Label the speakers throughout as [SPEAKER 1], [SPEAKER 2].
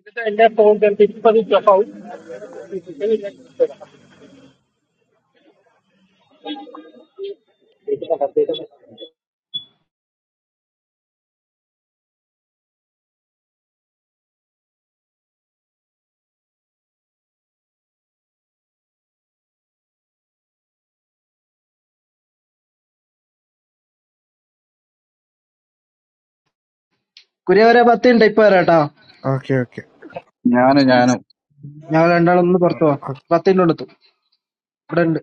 [SPEAKER 1] ഇതിന്റെ എല്ലാ ഫോണിന്റെ തിരുപ്പതി ക്ലബ് ഹൗസ് ഫിസിക്കലി ഞാൻ കൊടുത്തതാണ്.
[SPEAKER 2] കുര്യവരെ പത്ത് മിനിറ്റ് ഇപ്പൊ വരാട്ടാ
[SPEAKER 3] okay okay
[SPEAKER 4] No, no, no.
[SPEAKER 2] ഞങ്ങൾ രണ്ടാളും ഒന്ന് പുറത്തു പോവാം പത്ത് മിനിറ്റ് കൊണ്ടെത്തും ഇവിടെ ഉണ്ട്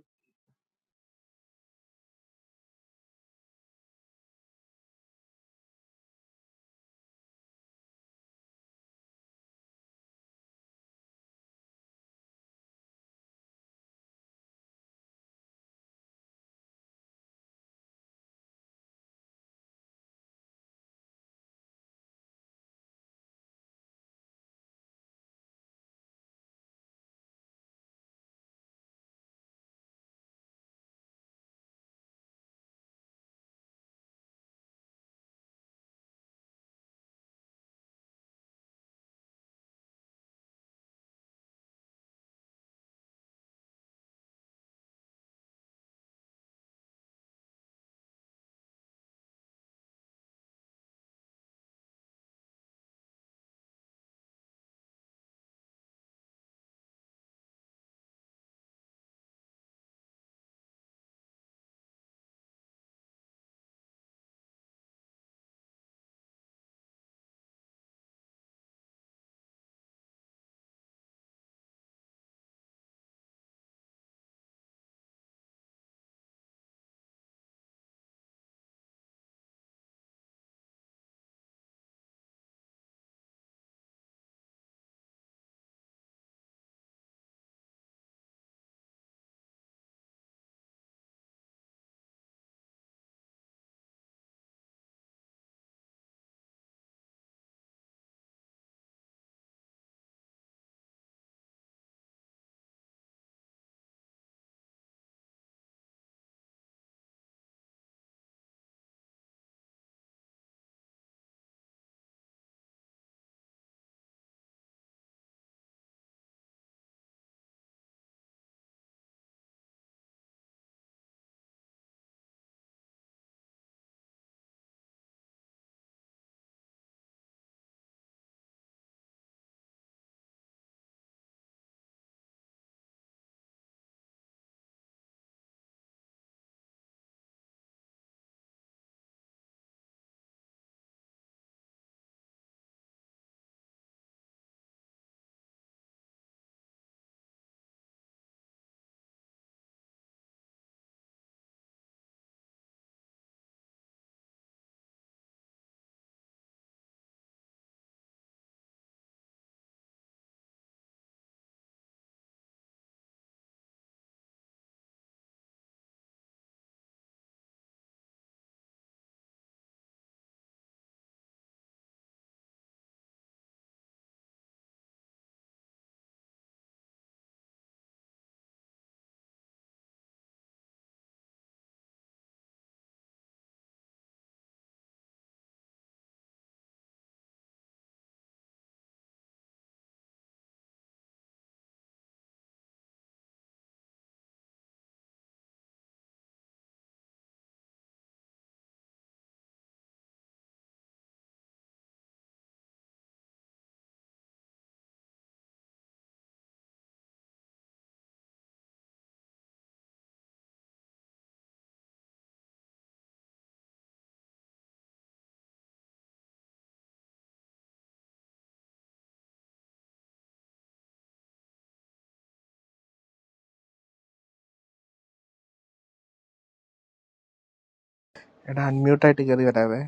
[SPEAKER 3] എടാ അൺമ്യൂട്ട് ആയിട്ട് കയറി വരാവേ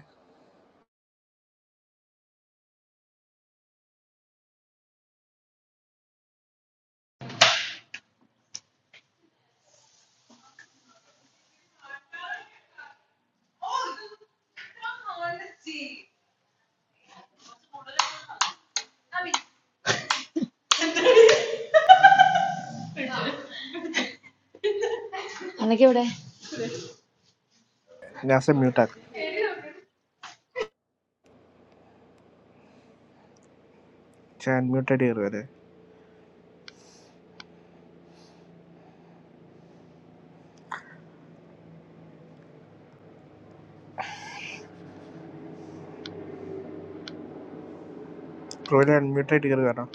[SPEAKER 5] Nothing.
[SPEAKER 3] നാസെ മ്യൂട്ട് ആക്ക് ചേ അൺമ്യൂട്ട് ആയിട്ട് കയറി വരേ ക്രോയിലെ അൺമ്യൂട്ട് ആയിട്ട് കയറി വരാം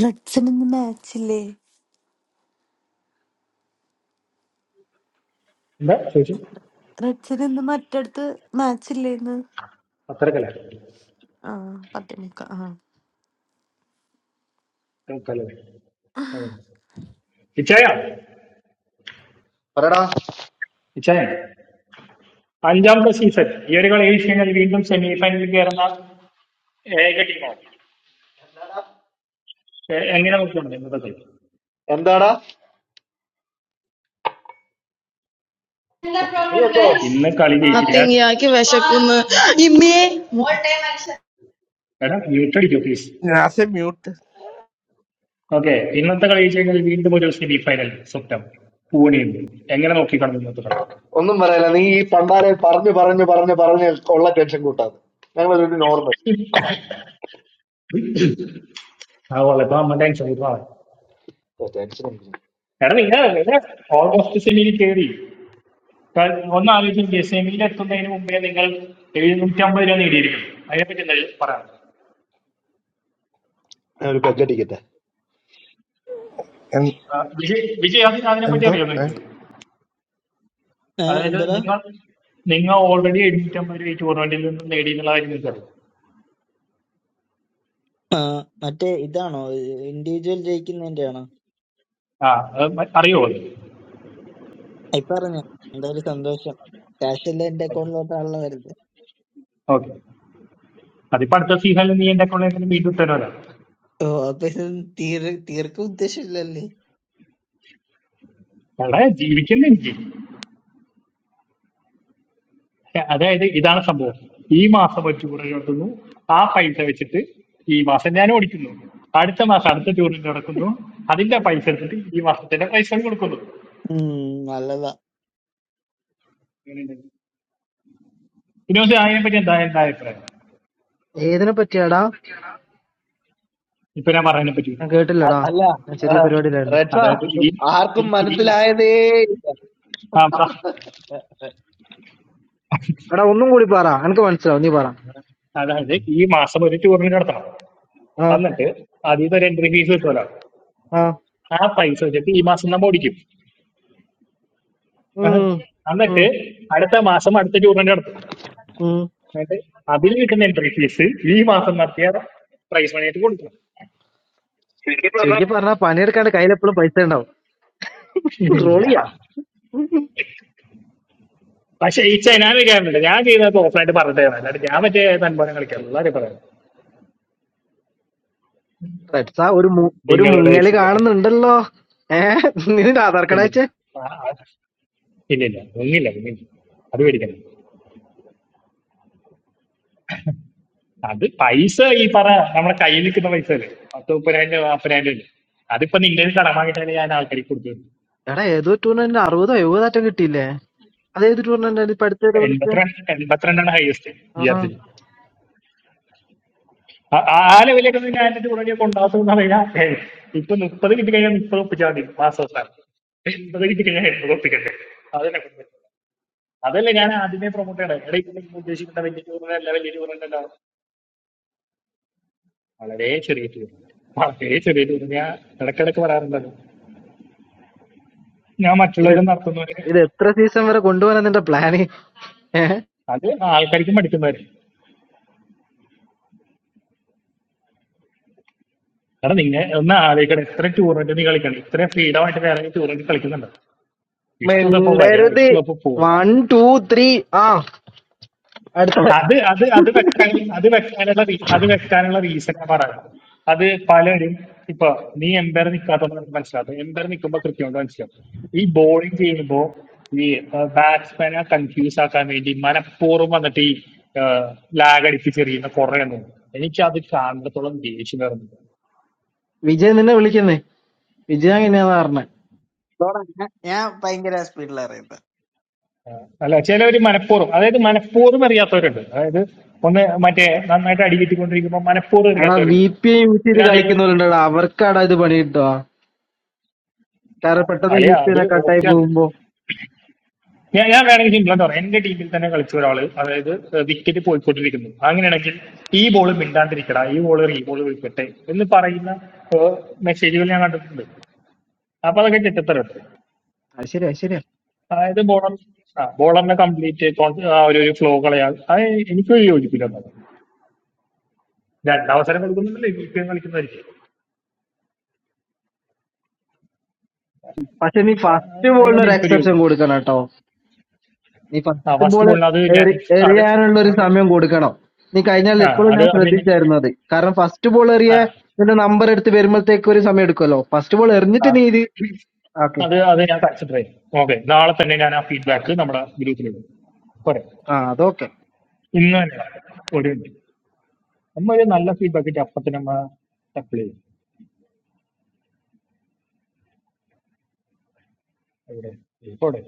[SPEAKER 6] Ratchinendu matchile.
[SPEAKER 1] എന്താ ചോദിച്ചു
[SPEAKER 6] Ratchinendu matar to matchile na.
[SPEAKER 1] പത്തരക്കല്ല
[SPEAKER 6] Ah, pappu nika.
[SPEAKER 1] കലവേ
[SPEAKER 6] Ah.
[SPEAKER 1] ഇച്ചായ
[SPEAKER 7] പറടാ
[SPEAKER 1] ഇച്ചായ അഞ്ചാമത്തെ സീസൺ ഈ ഒരു കളി കഴിച്ച് കഴിഞ്ഞാൽ വീണ്ടും സെമി ഫൈനലിൽ കയറുന്ന ഏക ടീമാണ് എങ്ങനെ നോക്കുന്നുണ്ട് ഇന്നത്തെ കളി
[SPEAKER 7] എന്താടാ നീ എന്തോ
[SPEAKER 1] ഇന്ന് കളി ജയിച്ചാൽ
[SPEAKER 5] Yeah, keep washing. Come. Email.
[SPEAKER 1] എടാ മ്യൂട്ട് അടിക്കൂ പ്ലീസ്
[SPEAKER 3] നാസെ മ്യൂട്ട്
[SPEAKER 1] ഓക്കെ ഇന്നത്തെ കളി ജയിച്ചു കഴിഞ്ഞാൽ വീണ്ടും ഒരു സെമി ഫൈനൽ സ്വപ്നം പൂനെയുണ്ട് എങ്ങനെ നോക്കിക്കാണും ഇന്നത്തെ കളി
[SPEAKER 7] ഒന്നും പറയല നീ ഈ പണ്ടാരെ പറഞ്ഞു പറഞ്ഞു പറഞ്ഞു പറഞ്ഞ് ഉള്ള ടെൻഷൻ കൂട്ടാതെ ഞങ്ങളൊരു നോർമൽ
[SPEAKER 1] ആവോളെ ഇപ്പൊ അമ്മ ടെൻഷൻ ആയി
[SPEAKER 7] ടെൻഷൻ
[SPEAKER 1] എടാ നിങ്ങൾ നിങ്ങൾ ഓൾമോസ്റ്റ് സെമിയിൽ കയറി ക- ഒന്ന് ആലോചിക്കുക സെമിയിൽ എത്തുന്നതിന് മുമ്പേ നിങ്ങൾ എഴുന്നൂറ്റമ്പത് രൂപ നേടിയിരിക്കുന്നു അതിനെപ്പറ്റി എന്താ പറയാം
[SPEAKER 7] ഒരു പെക്കടിക്കട്ടെ
[SPEAKER 1] ആ, വിജയ് വിജയ് അത് അതിനെപ്പറ്റി
[SPEAKER 3] എന്തോ
[SPEAKER 1] അറിയാം നിങ്ങൾക്ക്
[SPEAKER 8] ഏ
[SPEAKER 1] അതായത്
[SPEAKER 8] എന്തടാ
[SPEAKER 1] നിങ്ങൾ നിങ്ങൾ ഓൾറെഡി എഴുന്നൂറ്റമ്പത് രൂപ ഈ ടൂർണമെന്റിൽ നിന്ന് നേടി എന്നുള്ള കാര്യം നിങ്ങൾക്ക് അറിയാം
[SPEAKER 8] ആ മറ്റേ ഇതാണോ ഇൻഡിവിജ്വൽ ജയിക്കുന്നതിന്റെ ആണോ
[SPEAKER 1] ആ അത് മ- അറിയോ
[SPEAKER 8] ഇപ്പൊ അറിഞ്ഞു എന്തായാലും സന്തോഷം ക്യാഷ് എല്ലാം എന്റെ
[SPEAKER 1] അത്
[SPEAKER 8] അക്കൗണ്ടിലോട്ടാണല്ലോ വരുന്നത്
[SPEAKER 1] ഓക്കെ അതിപ്പോ അടുത്ത സീസണിൽ നീ എന്റെ അക്കൗണ്ടിൽ വീണ്ടും ഇട്ടല്ലോ
[SPEAKER 8] ഓ അപ്പൊ ഇത് തീർ തീർക്ക ഉദ്ദേശമില്ലല്ലേ
[SPEAKER 1] എടാ ജീവിക്കണ്ടേ എനിക്ക് അതായത് ഇതാണ് സംഭവം ഈ മാസം ഒരു ടൂർ നടത്തുന്നു ആ പൈസ വെച്ചിട്ട് ഈ മാസം ഞാൻ ഓടിക്കുന്നു അടുത്ത മാസം അടുത്ത ടൂറിൽ നടക്കുന്നു അതിന്റെ പൈസ എടുത്തിട്ട് ഈ മാസത്തിന്റെ പൈസ കൊടുക്കുന്നു
[SPEAKER 8] ഉം നല്ലതാ
[SPEAKER 1] പിന്നെ പക്ഷെ അതിനെ പറ്റി എന്താ എന്താ അഭിപ്രായം
[SPEAKER 2] ഏതിനെ പറ്റിയാടാ
[SPEAKER 1] ഇപ്പൊ ഞാൻ പറയാനെ പറ്റി
[SPEAKER 2] ഞാൻ
[SPEAKER 7] അ-
[SPEAKER 2] കേട്ടില്ലടാ
[SPEAKER 7] അല്ല
[SPEAKER 2] ഞാൻ ചെറിയ
[SPEAKER 7] റെഡ്സ
[SPEAKER 1] അതായത്
[SPEAKER 2] പരിപാടിയിലായിരുന്നു
[SPEAKER 1] ഈ ഈ
[SPEAKER 7] ആർക്കും
[SPEAKER 1] ഈ മാസം
[SPEAKER 7] മനസ്സിലായതേ
[SPEAKER 1] ആ പറ
[SPEAKER 2] എടാ ഒന്നും കൂടി പറ എനിക്ക് മനസ്സിലാവും നീ പറ
[SPEAKER 1] അതായത് ഈ മാസം ഒരു ടൂറിന് നടത്തണം
[SPEAKER 2] ആ
[SPEAKER 1] എന്നിട്ട് അതിൽ നിന്ന് ഒരു എൻട്രി ഫീസ് കിട്ടുമല്ലോ
[SPEAKER 2] ആ
[SPEAKER 1] ആ പൈസ വെച്ചിട്ട് ഈ മാസം നമ്മൾ ഓടിക്കും ഏഹ്.
[SPEAKER 2] ഉം ഉം
[SPEAKER 1] എന്നിട്ട് അടുത്ത മാസം അടുത്ത ടൂറിന് നടത്തും
[SPEAKER 2] ഉം
[SPEAKER 1] എന്നിട്ട് അതിൽ കിട്ടുന്ന എൻട്രി ഫീസ് ഈ മാസം നടത്തിയ പ്രൈസ് മണിയായിട്ട് കൊടുക്കണം
[SPEAKER 2] ചുരുക്കി പറഞ്ഞാ പണിയെടുക്കാണ്ട് കയ്യിലെപ്പോഴും പൈസ ഉണ്ടാവും റോളിയാ
[SPEAKER 1] പക്ഷെ ഈ ഞാൻ കളിക്കാറുണ്ട് ഞാൻ ചെയ്യുന്നത് ഓഫ്ലൈനായിട്ട് പറഞ്ഞിട്ട് തരാം. അല്ലാണ്ട് ഞാൻ മറ്റേ തൻപോനെ കളിക്കാറുള്ളൂ എല്ലാവരും പറയാം
[SPEAKER 2] റെഡ്സാ ഒരു മു- ഒരു
[SPEAKER 1] നിങ്ങളുടെ
[SPEAKER 2] മുങ്ങല് കാണുന്നുണ്ടല്ലോ ഏ നിന്റെ ആധാർ കാർഡ്
[SPEAKER 1] ഇല്ലില്ല
[SPEAKER 2] അയച്ചേ
[SPEAKER 1] ആ, ആ, ഇല്ലില്ല ഒന്നില്ല ഒന്നില്ല അത് മേടിക്കണം അത് പൈസ ഈ പറ നമ്മുടെ കയ്യിൽ നിൽക്കുന്ന പൈസ അല്ലേ പത്ത് മുപ്പതിനായിരം രൂപ നാൽപ്പതിനായിരം രൂപ ഇല്ലേ? അതിപ്പോ നിന്റെ കടമായിട്ടാണ് ഞാൻ ആൾക്കാർക്ക് കൊടുത്തത്
[SPEAKER 2] എടാ ഏതോ ടൂർണമെന്റ് അറുപതോ എഴുപതോ ആറ്റം കിട്ടിയില്ലേ അതേത് ടൂർണമെന്റ് ഇപ്പൊ അടുത്തേരെ വിളിച്ചേ
[SPEAKER 1] എൺപത്തിരണ്ട് എൺപത്തിരണ്ടാണ് ഹൈയസ്റ്റ് ബി ആർ
[SPEAKER 2] ആ
[SPEAKER 1] സി. ആ ആ ലെവലിലൊക്കെ നിങ്ങൾ ആൻഡ് ഉടനെയൊക്കെ ഉണ്ടാകുമെന്ന് പറഞ്ഞാൽ ഇപ്പൊ മുപ്പത് കിട്ടി കഴിഞ്ഞാൽ മുപ്പത് ഒപ്പിച്ചാൽ മതി മാസം അവസാനം മുപ്പത് കിട്ടി കഴിഞ്ഞാൽ എൺപത് ഒപ്പിക്കണ്ടേ അതല്ലേ കുഴപ്പം. അതല്ലേ ഞാൻ ആദ്യമേ പ്രൊമോട്ട് ചെയ്യണേ ഇവിടെ ഇപ്പൊ നിങ്ങൾ ഉദ്ദേശിക്കുന്ന വലിയ ടൂർണമെന്റ് അല്ല, വലിയ ടൂർണമെന്റ് അല്ല വളരെ ചെറിയ ടൂർണമെന്റ് വളരെ ചെറിയ ടൂർണമെന്റ് ഞാൻ ഇടക്കിടക്ക് പറയാറുണ്ടല്ലോ ഞാൻ
[SPEAKER 2] ഇത്
[SPEAKER 1] മറ്റുള്ളവരും നടത്തുന്നവര്
[SPEAKER 2] ഇത് എത്ര സീസൺ വരെ കൊണ്ടുപോകാനാ നിന്റെ പ്ലാന് ഏഹ്
[SPEAKER 1] അത് ആൾക്കാർക്കും പഠിക്കുന്നവര് കാരണം നിങ്ങൾ ഒന്ന് ആലോചിക്കണം എത്ര ടൂർണമെന്റ് നീ കളിക്കണം ഇത്രയും ഫ്രീഡം ആയിട്ട് വേറെ ടൂർണമെന്റ് കളിക്കുന്നുണ്ടോ ഇഷ്ടമുള്ളപ്പോ വരിക
[SPEAKER 2] മിണ്ടരുത്
[SPEAKER 1] ഇഷ്ടമുള്ളപ്പോ പോവുക
[SPEAKER 2] വൺ ടു ത്രീ ആ അടുത്ത
[SPEAKER 1] അത് അത് അത് വെക്കാൻ അത് വെക്കാനുള്ള റീ- അത് വെക്കാനുള്ള റീസൺ ഞാൻ പറയാം അത് പലരും ഇപ്പൊ നീ എംപയർ നിൽക്കാത്തത് നമുക്ക് മനസ്സിലാവും എംപയർ നിൽക്കുമ്പോൾ കൃത്യമായിട്ട് മനസ്സിലാവും ഈ ബോളിംഗ് ചെയ്യുമ്പോ ഈ ബാറ്റ്സ്മാനെ കൺഫ്യൂസ് ആക്കാൻ വേണ്ടി മനഃപൂർവ്വം വന്നിട്ട് ഈ ലാഗ് അടിപ്പിച്ചെറിയുന്ന കുറെ എണ്ണം എനിക്ക് അത് കാണത്തോളം ദേഷ്യം വരുന്നു
[SPEAKER 2] വിജയ് നിന്നെ വിളിക്കുന്നേ വിജയ് എങ്ങനെയാന്ന് പറഞ്ഞേ
[SPEAKER 8] ഇതോടെ ഞാൻ ഞാൻ ഭയങ്കര സ്പീഡിലാണ് അറിയുന്നത്
[SPEAKER 1] അല്ല ചിലവര് മനഃപൂർവ്വം അതായത് മനഃപൂർവ്വം എറിയാത്തവരുണ്ട് അതായത് ഒന്ന് മറ്റേ നന്നായിട്ട് അടികിട്ടിക്കൊണ്ടിരിക്കുമ്പോൾ മനഃപൂർവ്വം
[SPEAKER 2] എടാ വി
[SPEAKER 1] എറിയാത്തവരുണ്ട്
[SPEAKER 2] പി ഐ യൂസ് ചെയ്ത്
[SPEAKER 1] പിന്നെ അതേപോലെ
[SPEAKER 2] കളിക്കുന്നവരുണ്ടടാ അവർക്കാടാ ഇത് പണി കിട്ടുക കാരണം പെട്ടെന്ന്
[SPEAKER 1] അല്ല
[SPEAKER 2] വി പി
[SPEAKER 1] അത്
[SPEAKER 2] ഐ കട്ടായി
[SPEAKER 1] ഓക്കെയാണ്
[SPEAKER 2] പോകുമ്പോ
[SPEAKER 1] ഞാൻ ഞാൻ വേണമെങ്കിൽ സിംപിളായിട്ട് പറയാം എന്റെ ടീമിൽ തന്നെ കളിച്ച ഒരാള് അതായത് വിക്കറ്റ് പോയിക്കൊണ്ടിരിക്കുന്നു അങ്ങനെയാണെങ്കിൽ ഈ ബോൾ മിണ്ടാണ്ടിരിക്കടാ ഈ ബോൾ ഈ ബോൾ വിളിക്കട്ടെ എന്ന് പറയുന്ന മെസ്സേജുകൾ ഞാൻ കണ്ടിട്ടുണ്ട് അപ്പൊ അതൊക്കെ ചെറ്റത്തരട്ടെ
[SPEAKER 2] അത് ശരിയാ അത് ശരിയാ
[SPEAKER 1] അതായത് ബോളർ ആ ബോളറിനെ കംപ്ലീറ്റ് ആ ഒരു ഒരു ഫ്ലോ കളയാ അത് എനിക്കൊരു യോജിപ്പില്ല എന്നാണ്. രണ്ടവസരം കൊടുക്കുന്നുണ്ടല്ലോ ഇപ്പം കളിക്കുന്നതായിരിക്കും
[SPEAKER 2] പക്ഷെ നീ
[SPEAKER 1] ആ,
[SPEAKER 2] ഫസ്റ്റ് ബോളിന്
[SPEAKER 1] അതിനോട്
[SPEAKER 2] ഒരു
[SPEAKER 1] എനിക്കൊരു
[SPEAKER 2] എക്സെപ്ഷൻ
[SPEAKER 1] യോജിപ്പില്ല
[SPEAKER 2] കൊടുക്കണം കേട്ടോ നീ
[SPEAKER 1] ആ
[SPEAKER 2] ഫസ്റ്റ്
[SPEAKER 1] ഫസ്റ്റ്
[SPEAKER 2] ബോൾ
[SPEAKER 1] ബോളിന് അത് ഞാൻ അത്
[SPEAKER 2] എറിയാനുള്ള ഒരു
[SPEAKER 1] അത്
[SPEAKER 2] സമയം കൊടുക്കണം നീ കഴിഞ്ഞാൽ
[SPEAKER 1] ആ
[SPEAKER 2] എപ്പോഴും
[SPEAKER 1] അത്
[SPEAKER 2] ഞാൻ
[SPEAKER 1] അത്
[SPEAKER 2] ശ്രദ്ധിച്ചായിരുന്നു അത് കാരണം ഫസ്റ്റ് ബോൾ എറിയാൻ
[SPEAKER 1] തന്നെ.
[SPEAKER 2] നിന്റെ നമ്പർ എടുത്ത് വരുമ്പോഴത്തേക്ക് ഒരു സമയം എടുക്കുമല്ലോ ഫസ്റ്റ് ബോൾ
[SPEAKER 1] ആ,
[SPEAKER 2] എറിഞ്ഞിട്ട് നീ ഇത് ഓക്കെ
[SPEAKER 1] അത് അത് ഞാൻ കൺസിഡർ ചെയ്യും ഓക്കെ നാളെ തന്നെ ഞാൻ ആ ഫീഡ്ബാക്ക് നമ്മുടെ ഗ്രൂപ്പിൽ ഇടും പോരെ
[SPEAKER 2] ആ അതൊക്കെ
[SPEAKER 1] ഇന്ന് തന്നെ ഒരു നമ്മ ഒരു നല്ല ഫീഡ്ബാക്ക് ഇട്ട് അപ്പം തന്നെ നമ്മ ടക്കിൾ ചെയ്യും എവിടെ പോടെ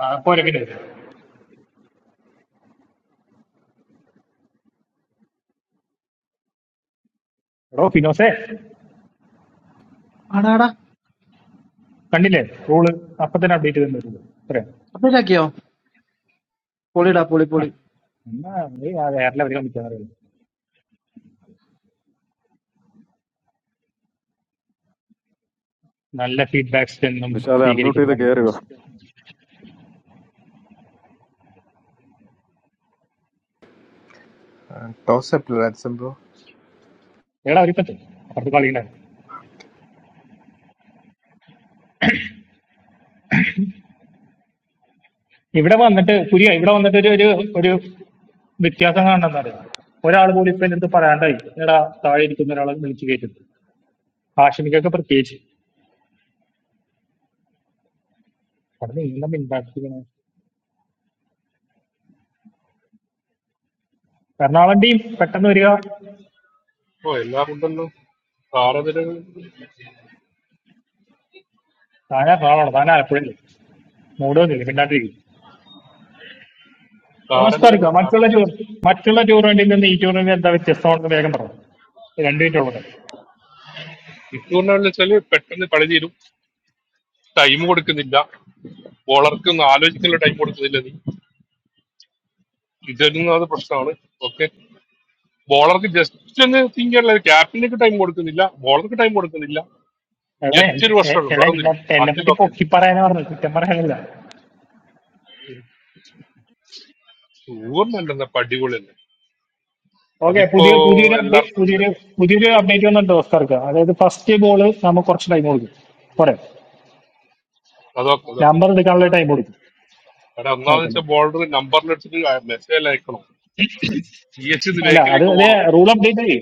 [SPEAKER 1] ആ, പോരെ പിന്നെ എടോ ഫിനോസേ
[SPEAKER 2] ആടാടാ
[SPEAKER 1] കണ്ടില്ലേ റൂള് അപ്പം തന്നെ അപ്ഡേറ്റ് ചെയ്ത് തന്നിട്ടുണ്ട് പോരെ
[SPEAKER 2] അപ്ഡേറ്റ് ആക്കിയോ പൊളിടാ പൊളി
[SPEAKER 1] ആ,
[SPEAKER 2] പൊളി
[SPEAKER 1] എന്നാ നീ ആ വേറെ അവർ കാണിക്കാൻ അറിയില്ല നല്ല ഫീഡ്ബാക്സ് എന്നും
[SPEAKER 9] Nisha, I am mute.
[SPEAKER 1] സ്വീകരിക്കുന്ന
[SPEAKER 9] Did you
[SPEAKER 1] കാണിക്കാൻ
[SPEAKER 9] hear me?
[SPEAKER 3] ടോസ് ബ്രോ
[SPEAKER 1] എടാ അവരിപ്പത്തെ അപ്പുറത്ത് കളിയുണ്ടായിരുന്നു ഇവിടെ വന്നിട്ട് പുരിയ ഇവിടെ വന്നിട്ട് ഒരു ഒരു വ്യത്യാസം കാണണമെന്നാണ് ഒരാൾ പോലും ഇപ്പൊ എൻ്റെ അടുത്ത് പറയാണ്ടായി എടാ താഴെ ഇരിക്കുന്ന ഒരാളെ വിളിച്ചു കയറ്റുന്നു ആഷിമിക്കൊക്കെ പ്രത്യേകിച്ച് അവിടെ നീളം ഇമ്പാക്ട് ചെയ്യണം എറണാകുളം ടീം പെട്ടെന്ന് വരിക
[SPEAKER 10] ഓ എല്ലാം ഉണ്ടല്ലോ താരനിരകൾ
[SPEAKER 1] താൻ എറണാകുളം താൻ ആലപ്പുഴയില്ല മൂട് വന്നില്ല മിണ്ടാണ്ടിരിക്കും
[SPEAKER 10] താരനിരകൾ
[SPEAKER 1] ഓസ്കാർക്ക് മറ്റുള്ള
[SPEAKER 10] താരനിരകൾ
[SPEAKER 1] ടൂർ മറ്റുള്ള ടൂർണമെന്റിൽ നിന്ന് ഈ ടൂർണമെന്റ് എന്താ വ്യത്യസ്തമാണെന്ന് വേഗം പറഞ്ഞു രണ്ടു മിനിറ്റ് ഉള്ളത്
[SPEAKER 10] ഇട്ടുകൊണ്ട് വെച്ചാല് പെട്ടെന്ന് കളി തീരും ടൈം കൊടുക്കുന്നില്ല ബോളർക്ക് ഒന്ന് ആലോചിക്കാനുള്ള ടൈം കൊടുക്കുന്നില്ല നീ ഇതൊന്നും അത് പ്രശ്നമാണ് ഓക്കെ ബോളർക്ക് ജസ്റ്റ് ഒന്ന് തിങ്ക് ചെയ്യാനുള്ള ക്യാപ്റ്റനൊക്കെ ടൈം കൊടുക്കുന്നില്ല ബോളർക്ക് ടൈം കൊടുക്കുന്നില്ല
[SPEAKER 1] എടാ എൻ-
[SPEAKER 10] ജസ്റ്റ് ഒരു
[SPEAKER 1] എ-
[SPEAKER 10] പ്രശ്നമുള്ളൂ
[SPEAKER 1] എടാ എന്നെ
[SPEAKER 10] മറന്നില്ല
[SPEAKER 1] എന്നെ
[SPEAKER 10] ബാക്കി
[SPEAKER 1] പറ്റി
[SPEAKER 10] ഓക്കെ
[SPEAKER 1] പൊക്കി പറയാനാ പറഞ്ഞത് കുറ്റം പറയാനല്ല
[SPEAKER 10] സൂപ്പർമല്ല അടിപൊളി തന്നെ
[SPEAKER 1] ഓക്കെ
[SPEAKER 10] അതിപ്പോ
[SPEAKER 1] പുതിയ പുതിയൊരു അപ്ഡേറ്റ്
[SPEAKER 10] എല്ലാവർക്കും
[SPEAKER 1] പുതിയൊരു
[SPEAKER 10] അറിയുന്നല്ലോ
[SPEAKER 1] പുതിയൊരു അപ്ഡേറ്റ് വന്നിട്ടുണ്ട് ഓസ്കാർക്ക് അതായത് ഫസ്റ്റ് ബോൾ നമ്മൾ കുറച്ച് ടൈം കൊടുക്കും പോരെ
[SPEAKER 10] അതൊക്കെ അതൊക്കെ
[SPEAKER 1] നമ്പർ എടുക്കാനുള്ള ടൈം കൊടുക്കും
[SPEAKER 10] കാരണം ഒന്നാമെന്ന്
[SPEAKER 1] ഓക്കെ
[SPEAKER 10] വെച്ചാൽ
[SPEAKER 1] മാം
[SPEAKER 10] ബോളർ നമ്പറിലെടുത്തിട്ട് മെസ്സേജ് അയക്കണം പി എച്ച്
[SPEAKER 1] അല്ല അത്
[SPEAKER 10] ബേക്കിലേക്ക്
[SPEAKER 1] ഇതേ
[SPEAKER 10] പോകണം
[SPEAKER 1] റൂൾ അപ്ഡേറ്റ് ആയി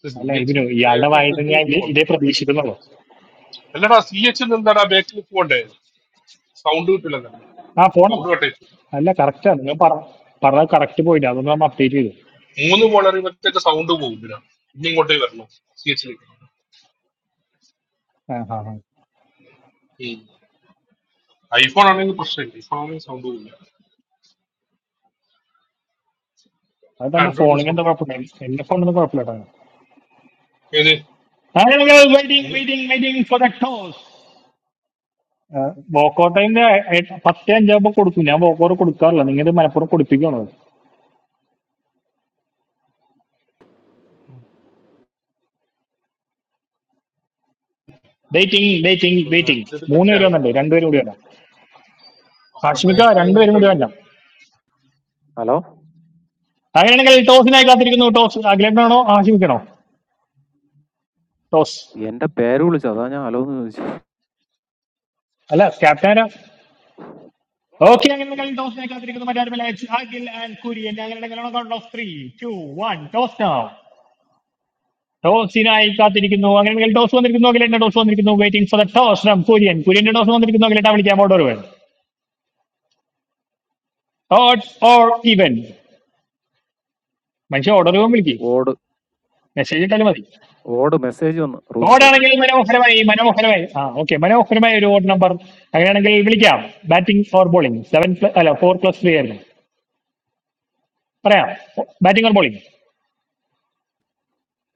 [SPEAKER 10] സി
[SPEAKER 1] അല്ല
[SPEAKER 10] എച്ച്
[SPEAKER 1] ഇതിനു ഇയാളുടെ
[SPEAKER 10] ബേക്ക്
[SPEAKER 1] വായിൽ നിന്ന്
[SPEAKER 10] എടുത്തിട്ട്
[SPEAKER 1] ഞാൻ ഇതേ
[SPEAKER 10] പോകണം
[SPEAKER 1] ഇതേ പ്രതീക്ഷിക്കുന്നുള്ളൂ
[SPEAKER 10] അല്ലടാ സി എച്ച് എന്താടാ ബേക്കിൽ പോകണ്ടേ സൗണ്ട് കിട്ടില്ല
[SPEAKER 1] ആ പോണം
[SPEAKER 10] സൗണ്ട് കട്ടേച്ചു
[SPEAKER 1] അല്ല കറക്റ്റാണ് നിങ്ങൾ പറ പറഞ്ഞത് കറക്റ്റ് പോയിന്റ് അതൊന്നും നമ്മൾ അപ്ഡേറ്റ് ചെയ്തു
[SPEAKER 10] മൂന്ന് ബോൾ എറിയുമ്പോഴത്തേക്ക് സൗണ്ട് പോകും പിന്നെ ഇനി ഇങ്ങോട്ടേക്ക് വരണം സി എച്ചിലേക്ക്
[SPEAKER 1] ആ ഹാ ഹാ
[SPEAKER 10] ഐഫോൺ ആണെങ്കിൽ പ്രശ്നമില്ല ഐഫോൺ ആണെങ്കിൽ സൗണ്ട് പോകില്ല
[SPEAKER 1] അത് തന്റെ
[SPEAKER 10] ആൻഡ്രോയിഡിന്
[SPEAKER 1] ഫോണിന് എന്താ
[SPEAKER 10] സൗണ്ട്
[SPEAKER 1] കുഴപ്പമില്ല എന്റെ ഫോണിന് കുഴപ്പമില്ല
[SPEAKER 10] ഏത്
[SPEAKER 1] waiting waiting waiting for the toss വോക്കൗട്ടിന്റെ പത്തേ അഞ്ചാകുമ്പോ കൊടുക്കും ഞാൻ വോക്കൗട്ട് കൊടുക്കാറില്ല നിങ്ങൾ മലപ്പുറം കൊടുപ്പിക്കണോ വെയിറ്റിംഗ് വെയിറ്റിംഗ് വെയിറ്റിംഗ്
[SPEAKER 10] റെസ്റ്റ്
[SPEAKER 1] മൂന്ന്
[SPEAKER 10] എടുക്കട്ടെ
[SPEAKER 1] പേര്
[SPEAKER 10] ആൾ.
[SPEAKER 1] വന്നിട്ടുണ്ട് രണ്ടുപേരും കൂടി വരാം
[SPEAKER 10] അപ്പുറം
[SPEAKER 1] ഹാഷ്മിക്ക
[SPEAKER 10] മാച്ച്
[SPEAKER 1] രണ്ടുപേരും
[SPEAKER 10] കഴിഞ്ഞിട്ടേ
[SPEAKER 1] കൂടി
[SPEAKER 10] ഉള്ളൂ
[SPEAKER 1] വരാം
[SPEAKER 9] Hello.
[SPEAKER 1] അങ്ങനെയാണെങ്കിൽ ടോസിനായി കാത്തിരിക്കുന്നു ടോസ് അഖിലേട്ടനാണോ ആശിപ്പിക്കണോ toss
[SPEAKER 9] I am in the bedroom. I am alone.
[SPEAKER 1] അല്ല ക്യാപ്റ്റൻ ആരാ ഓക്കെ അങ്ങനെയാണെങ്കിൽ ടോസിനായി കാത്തിരിക്കുന്നു മറ്റാരുമല്ല It's അഖിൽ ആൻഡ് കുര്യൻ അങ്ങനെയാണെങ്കിലാണോ count of three two one toss now ടോസിനായി കാത്തിരിക്കുന്നു അങ്ങനെയാണെങ്കിൽ ടോസ് വന്നിരിക്കുന്നു അഖിലേട്ടൻ ടോസ് വന്നിരിക്കുന്നു waiting for the toss from Kurian കുര്യന്റെ ടോസ് വന്നിരിക്കുന്നു അഖിലേട്ട വിളിക്കാം ഓർഡർ ഓഡ് ഓർ ഈവൻ മനുഷ്യ ഓർഡർ വിളിക്കും
[SPEAKER 9] I
[SPEAKER 1] മെസ്സേജ് ഇട്ടാലും മതി
[SPEAKER 9] received a message on the room.
[SPEAKER 1] ഓടാണെങ്കിൽ മനോഹരമായി മനോഹരമായി ആ ഓക്കെ മനോഹരമായ ഒരു ഓഡ് നമ്പർ അങ്ങനെയാണെങ്കിൽ വിളിക്കാം ബാറ്റിംഗ് ഓർ ബോളിംഗ് സെവൻ അല്ല ഫോർ പ്ലസ് ത്രീ ആയിരുന്നു പറയാം batting or bowling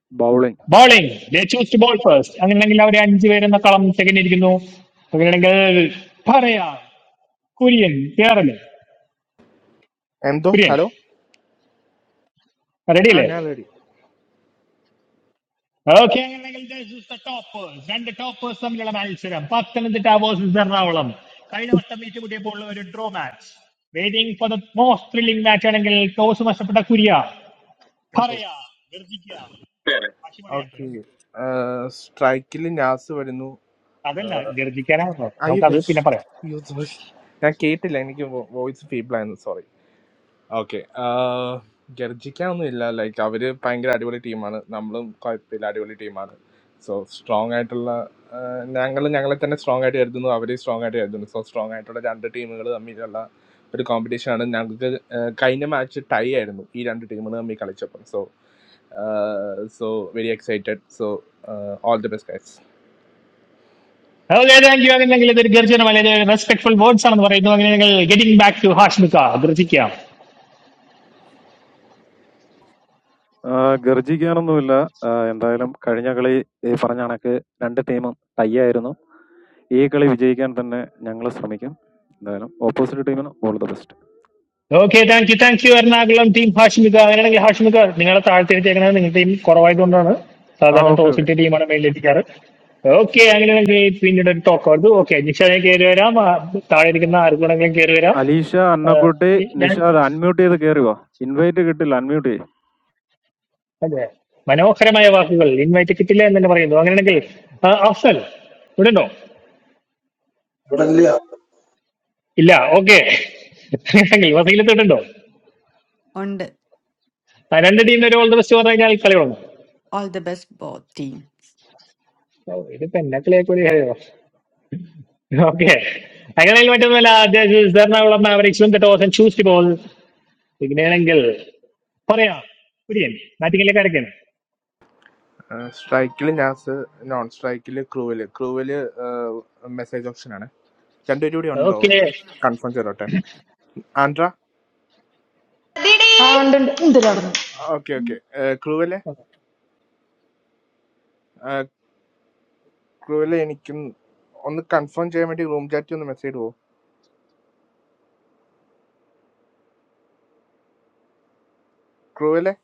[SPEAKER 9] Bowling.
[SPEAKER 1] Bowling they choose to bowl first അങ്ങനെയാണെങ്കിൽ അവർ അഞ്ച് പേരെന്ന കളം തികഞ്ഞിരിക്കുന്നു അങ്ങനെയാണെങ്കിൽ പറയാം കുര്യൻ കേറല്
[SPEAKER 3] എന്തോ
[SPEAKER 1] കുര്യൻ
[SPEAKER 3] ഹലോ
[SPEAKER 1] റെഡി
[SPEAKER 3] ആ
[SPEAKER 1] അല്ലേ
[SPEAKER 3] ഞാൻ റെഡി
[SPEAKER 1] ഓക്കെ അങ്ങനെയാണെങ്കിൽ this is the toppers. രണ്ട് ടോപ്പേഴ്സ് തമ്മിലുള്ള മത്സരം പത്തനംതിട്ട വേഴ്സസ് എറണാകുളം കഴിഞ്ഞ വട്ടം ഏറ്റുമുട്ടിയപ്പോൾ ഉള്ള ഒരു draw match waiting for the most thrilling match ആണെങ്കിൽ ടോസ് നഷ്ടപ്പെട്ട കുരിയ
[SPEAKER 3] എന്തോ
[SPEAKER 1] പറയാ ഗർജിക്കുക
[SPEAKER 11] better
[SPEAKER 1] പക്ഷി പറയാട്ടെ
[SPEAKER 3] ഓക്കെ
[SPEAKER 1] ഓക്കെ
[SPEAKER 3] സ്ട്രൈക്കിൽ നാസ് വരുന്നു ആ,
[SPEAKER 1] അതല്ല ഗർജിക്കാനാണല്ലോ
[SPEAKER 3] അയ്യോ
[SPEAKER 1] നമുക്ക് അത്
[SPEAKER 3] ഗൾസ്.
[SPEAKER 1] പിന്നെ പറയാം
[SPEAKER 3] അയ്യോ, sorry. ഞാൻ കേട്ടില്ല എനിക്ക് വോയിസ് ഫീബിൾ ആയിരുന്നു സോറി Okay. Ah, गर जिक्यां हमें इल्ला like आवेरे पांग्रे लड़िवले team आना, नमलों कोई पिलाड़िवले team आना, so strong ऐटल्ला. नांगलों नांगलों तने strong ऐटे ऐर दुनो आवेरे strong ऐटे ऐर दुनो, so strong ऐटो ना जंटे team गलो अम्मी जल्ला, भट competition आना नांगु तो काइने match टाइ ऐर दुनो, each जंटे team ना अम्मी कालीच्छ आपन, so ah so very excited, so ah all the best guys.
[SPEAKER 1] Okay thank you അങ്ങനെയെങ്കിൽ ഇതൊരു ഗർജനമല്ല ഇത് റെസ്പെക്ട്ഫുൾ വേർഡ്സ് ആണെന്ന് പറയുന്നു അങ്ങനെയാണെങ്കിൽ ഗെറ്റിംഗ് ബാക്ക് ടു ഹാഷ്മിക ഗർജിക്കുക
[SPEAKER 9] I am not engaged. I am playing cards. I am entertaining. I am playing. I am doing my work. I am playing. Opposite time is the best.
[SPEAKER 1] Okay thank you thank you Ernakulam team Hashmika അങ്ങനെയാണെങ്കിൽ ഹാഷ്മിക നിങ്ങളെ താഴ്ത്തിരിച്ചേക്കണത് നിങ്ങളുടെ team കുറവായതുകൊണ്ടാണ് സാധാരണ
[SPEAKER 9] Okay.
[SPEAKER 1] Toss
[SPEAKER 9] Okay.
[SPEAKER 1] ഇട്ട ടീമാണ് മേലിലെത്തിക്കാറ് okay അങ്ങനെയാണെങ്കിൽ പിന്നീട് ഒരു talk ആയിരുന്നു ഓക്കെ നിഷാനെ കയറി വരാം ആ, താഴെ ഇരിക്കുന്ന ആർക്കുണ്ടെങ്കിലും കയറി വരാം
[SPEAKER 9] Alisha,
[SPEAKER 1] ആ,
[SPEAKER 9] Anna, I am mute.
[SPEAKER 1] ഈ- ഞാൻ
[SPEAKER 9] Nisha, I am mute. Did you hear me? Invited. I am mute.
[SPEAKER 1] അതെ മനോഹരമായ വാക്കുകൾ ഇൻവൈറ്റ് കിട്ടില്ല എന്ന് തന്നെ പറയുന്നു അങ്ങനെയാണെങ്കിൽ ആ, അഫ്സൽ ഇവിടെ ഉണ്ടോ
[SPEAKER 12] But India.
[SPEAKER 1] ഇല്ല ഓക്കെ അങ്ങനെയാണെങ്കിൽ വസീലത്തോട്ടുണ്ടോ
[SPEAKER 6] And
[SPEAKER 1] ആ, രണ്ട് ടീമിന് ഒരു ഓൾ ദ ബെസ്റ്റ് പറഞ്ഞു കഴിഞ്ഞാൽ കളി തുടങ്ങും
[SPEAKER 6] all the best, ball team.
[SPEAKER 1] ഓ, ഇതിപ്പോ എന്നെ കളിയാക്കോ ഓക്കെ അങ്ങനെ മറ്റൊന്നുമല്ല അദ്ദേഹം എറണാകുളം മാവറിക്സും the toss and choose bowl ഇങ്ങനെയാണെങ്കിൽ പറയാം പിടിയൻ ബാറ്റിംഗിലേക്ക് അടയ്ക്കാൻ
[SPEAKER 3] Strike के
[SPEAKER 1] ഓക്കെ
[SPEAKER 3] ल Andra,
[SPEAKER 5] I am doing. Underwater.
[SPEAKER 3] okay, okay. Crovelle, Crovelle. I mean, confirm. I have already roomed. I have to message you. Crovelle.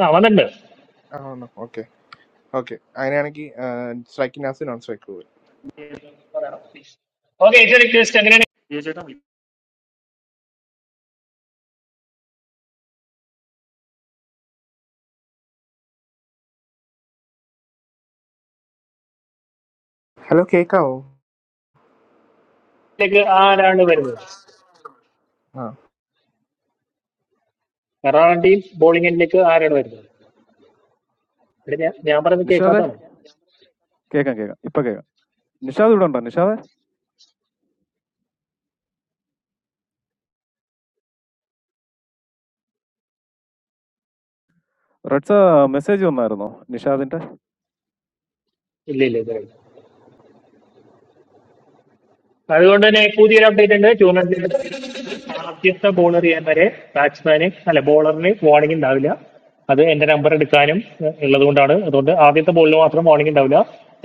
[SPEAKER 1] ആ വന്നിട്ടുണ്ട്
[SPEAKER 3] Ah no, okay, okay. I mean, I am going to strike in house and not strike Crovelle.
[SPEAKER 1] Okay ക്രിസ്റ്റ് അങ്ങനെയാണെങ്കിൽ ഇതിലേക്ക്
[SPEAKER 3] Hello, Kika.
[SPEAKER 1] ആരാണ് വരുന്നത്
[SPEAKER 3] Ah,
[SPEAKER 1] Ernakulam team ബോളിംഗിലേക്ക് ആരാണ് വരുന്നത് ഇവിടെ ഞാൻ ഞാൻ പറയുന്നത്
[SPEAKER 9] Nisha, I am.
[SPEAKER 1] കേൾക്കാത്തതാണ്
[SPEAKER 9] Come. Come. Now. Nisha, I am on. Nisha, I am. I received a message. Nisha, I am.
[SPEAKER 1] ഇല്ല ഇല്ല ഇതുവരെ അതുകൊണ്ട് തന്നെ പുതിയൊരു അപ്ഡേറ്റ് ഉണ്ട് ടൂർണമെന്റിൽ ആദ്യത്തെ ബോളർ ചെയ്യാൻ വരെ ബാറ്റ്സ്മാന് അല്ല ബോളറിന് വാർണിംഗ് ഉണ്ടാവില്ല അത് എന്റെ നമ്പർ എടുക്കാനും ഏഹ്, ഉള്ളത് കൊണ്ടാണ് അതുകൊണ്ട് ആദ്യത്തെ ബോളിൽ മാത്രം വാർണിംഗ് ഉണ്ടാവില്ല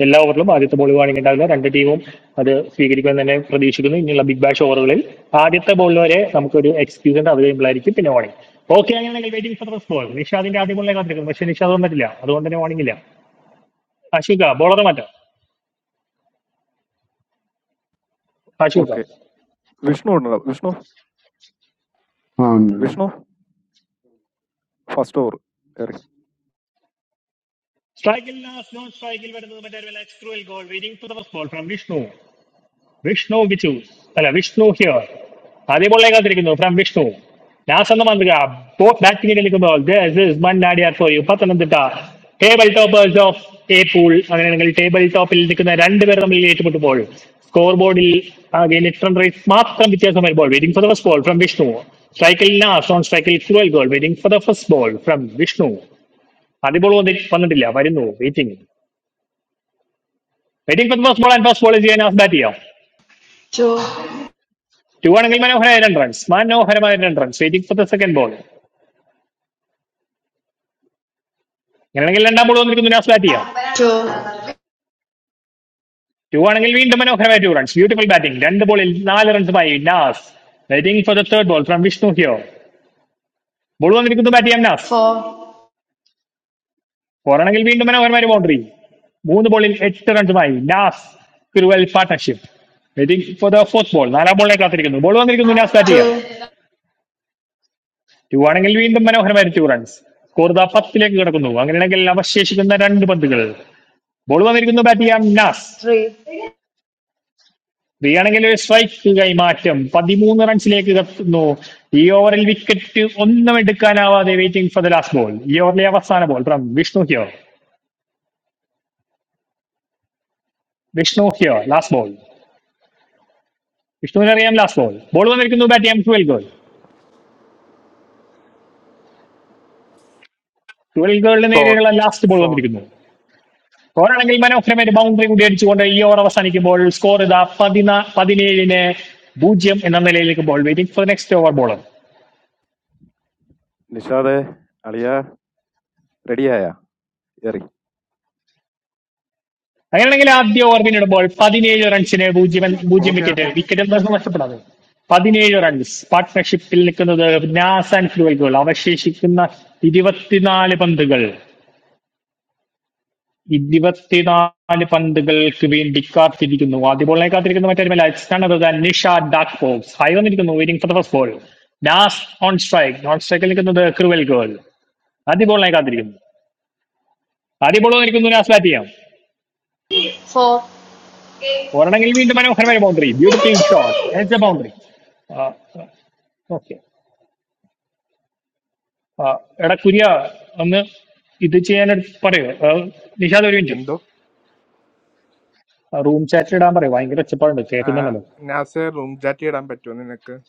[SPEAKER 1] എല്ലാ ഓവറിലും ആദ്യത്തെ ബോളിൽ വാർണിംഗ് ഉണ്ടാവില്ല രണ്ട് ടീമും അത് സ്വീകരിക്കുമെന്ന് തന്നെ പ്രതീക്ഷിക്കുന്നു ഇനിയുള്ള ബിഗ് ബാഷ് ഓവറുകളിൽ ആദ്യത്തെ ബോളിൽ വരെ നമുക്കൊരു എക്സ്ക്യൂസ് ഉണ്ട് അവൈലബിൾ ആയിരിക്കും പിന്നെ വാർണിംഗ് ഓക്കെ അങ്ങനെയാണെങ്കിൽ വെയിറ്റിംഗ് ഫോർ ഫസ്റ്റ് ബോൾ നിഷാദിന്റെ ആദ്യ ബോളിനെ കാത്തിരിക്കുന്നു പക്ഷേ നിഷാദ് വന്നിട്ടില്ല അതുകൊണ്ട് തന്നെ വാർണിംഗ് ഇല്ല ആശുക ബോളർ മാറ്റാം
[SPEAKER 9] Okay.
[SPEAKER 1] ആശുക
[SPEAKER 9] Vishnu or Vishnu?
[SPEAKER 13] Ah, no, no,
[SPEAKER 9] Vishnu? First door. Okay.
[SPEAKER 1] സ്ട്രൈക്കിൽ ലാസ്റ്റ് നോൺ സ്ട്രൈക്കിൽ വരുന്നത് മറ്റൊരു വില എക്സ്ട്രൂൽ ഗോൾ waiting to the first ball from Vishnu Vishnu വിച്ചൂസ് അല്ല വിഷ്ണു ഹിയർ ആദ്യ ബോളിലേക്ക് കാത്തിരിക്കുന്നു ഫ്രം വിഷ്ണു നാസെന്ന് മാന്ത്രിക ബോത്ത് ബാറ്റിംഗ് നിൽക്കുമ്പോൾ മണ്ണാടിയാർ for you Pathanamthitta table toppers of A pool അങ്ങനെയാണെങ്കിൽ ടേബിൾ ടോപ്പിൽ നിൽക്കുന്ന രണ്ടുപേർ തമ്മിൽ ഏറ്റുമുട്ടുമ്പോൾ സ്കോർ ബോർഡിൽ ആകെ നെറ്റ് റൺ റേറ്റ് മാത്രം വ്യത്യാസം വരുമ്പോൾ waiting for the first ball from Vishnu സ്ട്രൈക്കിൽ നാസ് ഓൺ സ്ട്രൈക്കിൽ എക്സ്ട്രൂൽ ഗോൾ waiting for the first ball from Vishnu അതിപ്പോൾ വന്നിട്ടില്ല വരുന്നു waiting waiting for the first ball and first ball ചെയ്യാൻ ഓഫ് ബാറ്റ് ചെയ്യാം
[SPEAKER 5] Two.
[SPEAKER 1] ടു ആണെങ്കിൽ മനോഹരമായ രണ്ട് റൺസ് മനോഹരമായ രണ്ട് runs waiting for the second ball അങ്ങനെയാണെങ്കിൽ രണ്ടാം ബോൾ വന്നിരിക്കുന്നു നാസ് ബാറ്റ് ചെയ്യാം
[SPEAKER 5] Two.
[SPEAKER 1] ടു ആണെങ്കിൽ വീണ്ടും മനോഹരമായ ടു റൺസ് ബ്യൂട്ടിഫുൾ ബാറ്റിംഗ് രണ്ട് ബോളിൽ നാല് റൺസുമായി Naz waiting for the third ball from Vishnu ഹിയോ ബോൾ വന്നിരിക്കുന്നു ബാറ്റ് ചെയ്യാം നാസ്
[SPEAKER 5] Four.
[SPEAKER 1] ഫോർ ആണെങ്കിൽ വീണ്ടും മനോഹരമായ ബൗണ്ടറി മൂന്ന് ബോളിൽ എട്ട് റൺസുമായി നാസ് തിരുവൽ partnership waiting for the fourth ball നാലാം ബോളിനെ കാത്തിരിക്കുന്നു ബോൾ വന്നിരിക്കുന്നു നാസ് ബാറ്റ് ചെയ്യാം
[SPEAKER 5] Two.
[SPEAKER 1] ടു ആണെങ്കിൽ വീണ്ടും മനോഹരമായ ടു റൺസ് സ്കോർ ദാ പത്തിലേക്ക് കിടക്കുന്നു അങ്ങനെയാണെങ്കിൽ അവശേഷിക്കുന്ന രണ്ട് പന്തുകൾ ബോൾ വന്നിരിക്കുന്നു ബാറ്റ് ചെയ്യാൻ നാസ്
[SPEAKER 5] Three.
[SPEAKER 1] ആണെങ്കിൽ ഒരു സ്ട്രൈക്ക് കൈമാറ്റം പതിമൂന്ന് റൺസിലേക്ക് കത്തുന്നു ഈ ഓവറിൽ വിക്കറ്റ് ഒന്നും എടുക്കാനാവാതെ waiting for the last ball ഈ ഓവറിലെ അവസാന ബോൾ ഫ്രം വിഷ്ണു ഹിയോ വിഷ്ണു ഹിയോ ലാസ്റ്റ് ബോൾ വിഷ്ണുവിനറിയാം ലാസ്റ്റ് ബോൾ ബോൾ വന്നിരിക്കുന്നു ബാറ്റ് ചെയ്യാൻ ട്വൽവ് ഗേൾ ട്വൽവ് ഗേളിന്
[SPEAKER 3] four,
[SPEAKER 1] നേരെയുള്ള ലാസ്റ്റ് ബോൾ
[SPEAKER 3] four.
[SPEAKER 1] വന്നിരിക്കുന്നു സ്കോറാണെങ്കിൽ മനോഹരമായിട്ട് ബൗണ്ടറി കൂടി അടിച്ചുകൊണ്ട് ഈ ഓവർ അവസാനിക്കുമ്പോൾ സ്കോർ ഇതാ പതിനാ പതിനേഴിന് പൂജ്യം എന്ന നിലയിലേക്ക് ball waiting for next over bowler
[SPEAKER 9] Nishaad. Aliya. Ready? Yeah. Okay.
[SPEAKER 1] അങ്ങനെയാണെങ്കിൽ ആദ്യ ഓവർ പിന്നിടുമ്പോൾ പതിനേഴ് റൺസിന് പൂജ്യം എന്ന- പൂജ്യം
[SPEAKER 14] Okay,
[SPEAKER 1] വിക്കറ്റ്
[SPEAKER 14] okay.
[SPEAKER 1] വിക്കറ്റ് എന്താ നഷ്ടപ്പെടാതെ പതിനേഴ് റൺസ് പാർട്ട്ണർഷിപ്പിൽ നിൽക്കുന്നത് നാസ് ആൻഡ് ഫ്ലുവൽ ഗോൾ അവശേഷിക്കുന്ന ഇരുപത്തിനാല് പന്തുകൾ ഇരുപത്തിനാല് പന്തുകൾക്ക് വേണ്ടി കാത്തിരിക്കുന്നു ആദ്യ ബോളിനെ കാത്തിരിക്കുന്നു മറ്റേ ടീമില്ല നിഷ ഡാർക്ക് ഫോക്സ് ഹൈ വന്നിരിക്കുന്നു waiting for the first ball Naz on strike non സ്ട്രൈക്കിൽ നിൽക്കുന്നത് ക്രിവൽ ഗേൾ ആദ്യ ബോളിനെ കാത്തിരിക്കുന്നു ആദ്യ ബോൾ വന്നിരിക്കുന്നു നാസ് ബാറ്റ് ചെയ്യാം
[SPEAKER 5] Four.
[SPEAKER 1] ഒരെണ്ണമെങ്കിൽ വീണ്ടും മനോഹരമായ boundary beautiful shot a boundary okay എടാ കുര്യ ഒന്ന് ഇത് ചെയ്യാൻ പറയൂ ആ, നിഷാദ് ഒരു മിനിറ്റ്
[SPEAKER 3] Ando.
[SPEAKER 1] റൂം ചാറ്റിൽ ഇടാൻ പറയൂ ഭയങ്കര ഒച്ചപ്പാടുണ്ട്
[SPEAKER 3] Ah,
[SPEAKER 1] കേൾക്കുന്നുണ്ടല്ലോ
[SPEAKER 3] in house roomed. I have already done.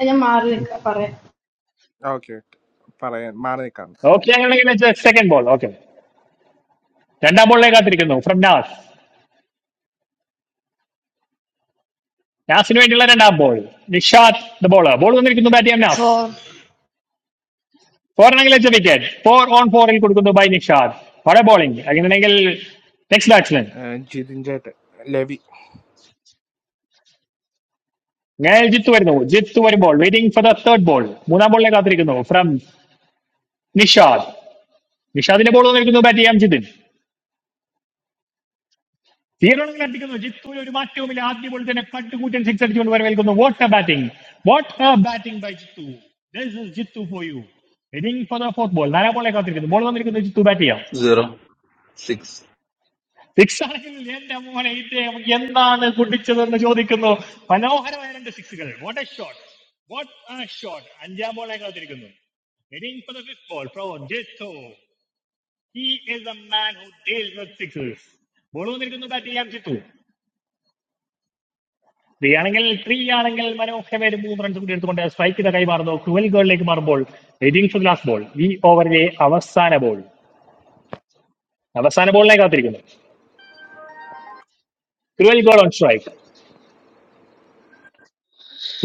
[SPEAKER 5] I am Marley. Come, parrot.
[SPEAKER 3] Okay. Paray. Maray kano.
[SPEAKER 1] Okay അങ്ങനെയാണെങ്കിൽ സെക്കൻഡ് ബോൾ ഓക്കെ രണ്ടാം ബോളിനെ കാത്തിരിക്കുന്നു ഫ്രം നാസ് നാസിന് വേണ്ടിയുള്ള രണ്ടാം ball Nishad the bowler ball വന്നിരിക്കുന്നു ബാറ്റ് ചെയ്യാൻ നാസ്
[SPEAKER 5] Four.
[SPEAKER 1] ഫോറിനെങ്കിൽ വെച്ച വിക്കറ്റ് ഫോർ ഓൺ ഫോറിൽ കൊടുക്കുന്നു ബൈ നിഷാദ് വളരെ ബോളിംഗ് അങ്ങനെയാണെങ്കിൽ next batsman
[SPEAKER 3] Ah, jithin jayet. Levy.
[SPEAKER 1] അങ്ങനെ ജിത്ത് വരുന്നു ജിത്ത് വരുമ്പോൾ waiting for the third ball മൂന്നാം ബോളിനെ കാത്തിരിക്കുന്നു ഫ്രം നിഷാദ് നിഷാദിന്റെ ബോൾ വന്നിരിക്കുന്നു ബാറ്റ് ചെയ്യാം ജിതിൻ സീറോണെങ്കിൽ അടിക്കുന്നു ജിത്തൂര് ഒരു മാറ്റവുമില്ല ആദ്യ ബോൾ തന്നെ കട്ടുകൂറ്റൻ സിക്സ് അടിച്ചുകൊണ്ട് വരവേൽക്കുന്നു what a batting what a batting by Jithu This is Jithu for you heading for the fourth ball നാലാം ബോളെ കാത്തിരിക്കുന്നു ബോൾ വന്നിരിക്കുന്നു ജിത്തു ബാറ്റ് ചെയ്യാം
[SPEAKER 4] Zero six
[SPEAKER 1] സിക്സ് ആണെങ്കിൽ എന്റെ മോനെ ഇദ്ദേഹം എന്താണ് കുടിച്ചതെന്ന് ചോദിക്കുന്നു മനോഹരമായ രണ്ട് സിക്സുകൾ what a shot what a shot അഞ്ചാം ബോളെ കാത്തിരിക്കുന്നു Heading for the fifth ball from Jitto. He is a man who deals with sixes. Ball വന്നിരിക്കുന്നു ബാറ്റ് ചെയ്യാൻ ചിത്തു ത്രീ ആണെങ്കിൽ ത്രീ ആണെങ്കിൽ മനോഹരമായ ഒരു മൂന്ന് റൺസ് കൂടി എടുത്തുകൊണ്ട് സ്ട്രൈക്ക് ഇത കൈമാറുന്നു ക്രുവൽ ഗോളിലേക്ക് മാറുമ്പോൾ വെയിറ്റിംഗ് ഫോർ ലാസ്റ്റ് ബോൾ ഈ ഓവറിലെ അവസാന ബോൾ അവസാന ബോളിനെ കാത്തിരിക്കുന്നു ക്രുവൽ ഗോൾ ഓൺ സ്ട്രൈക്ക്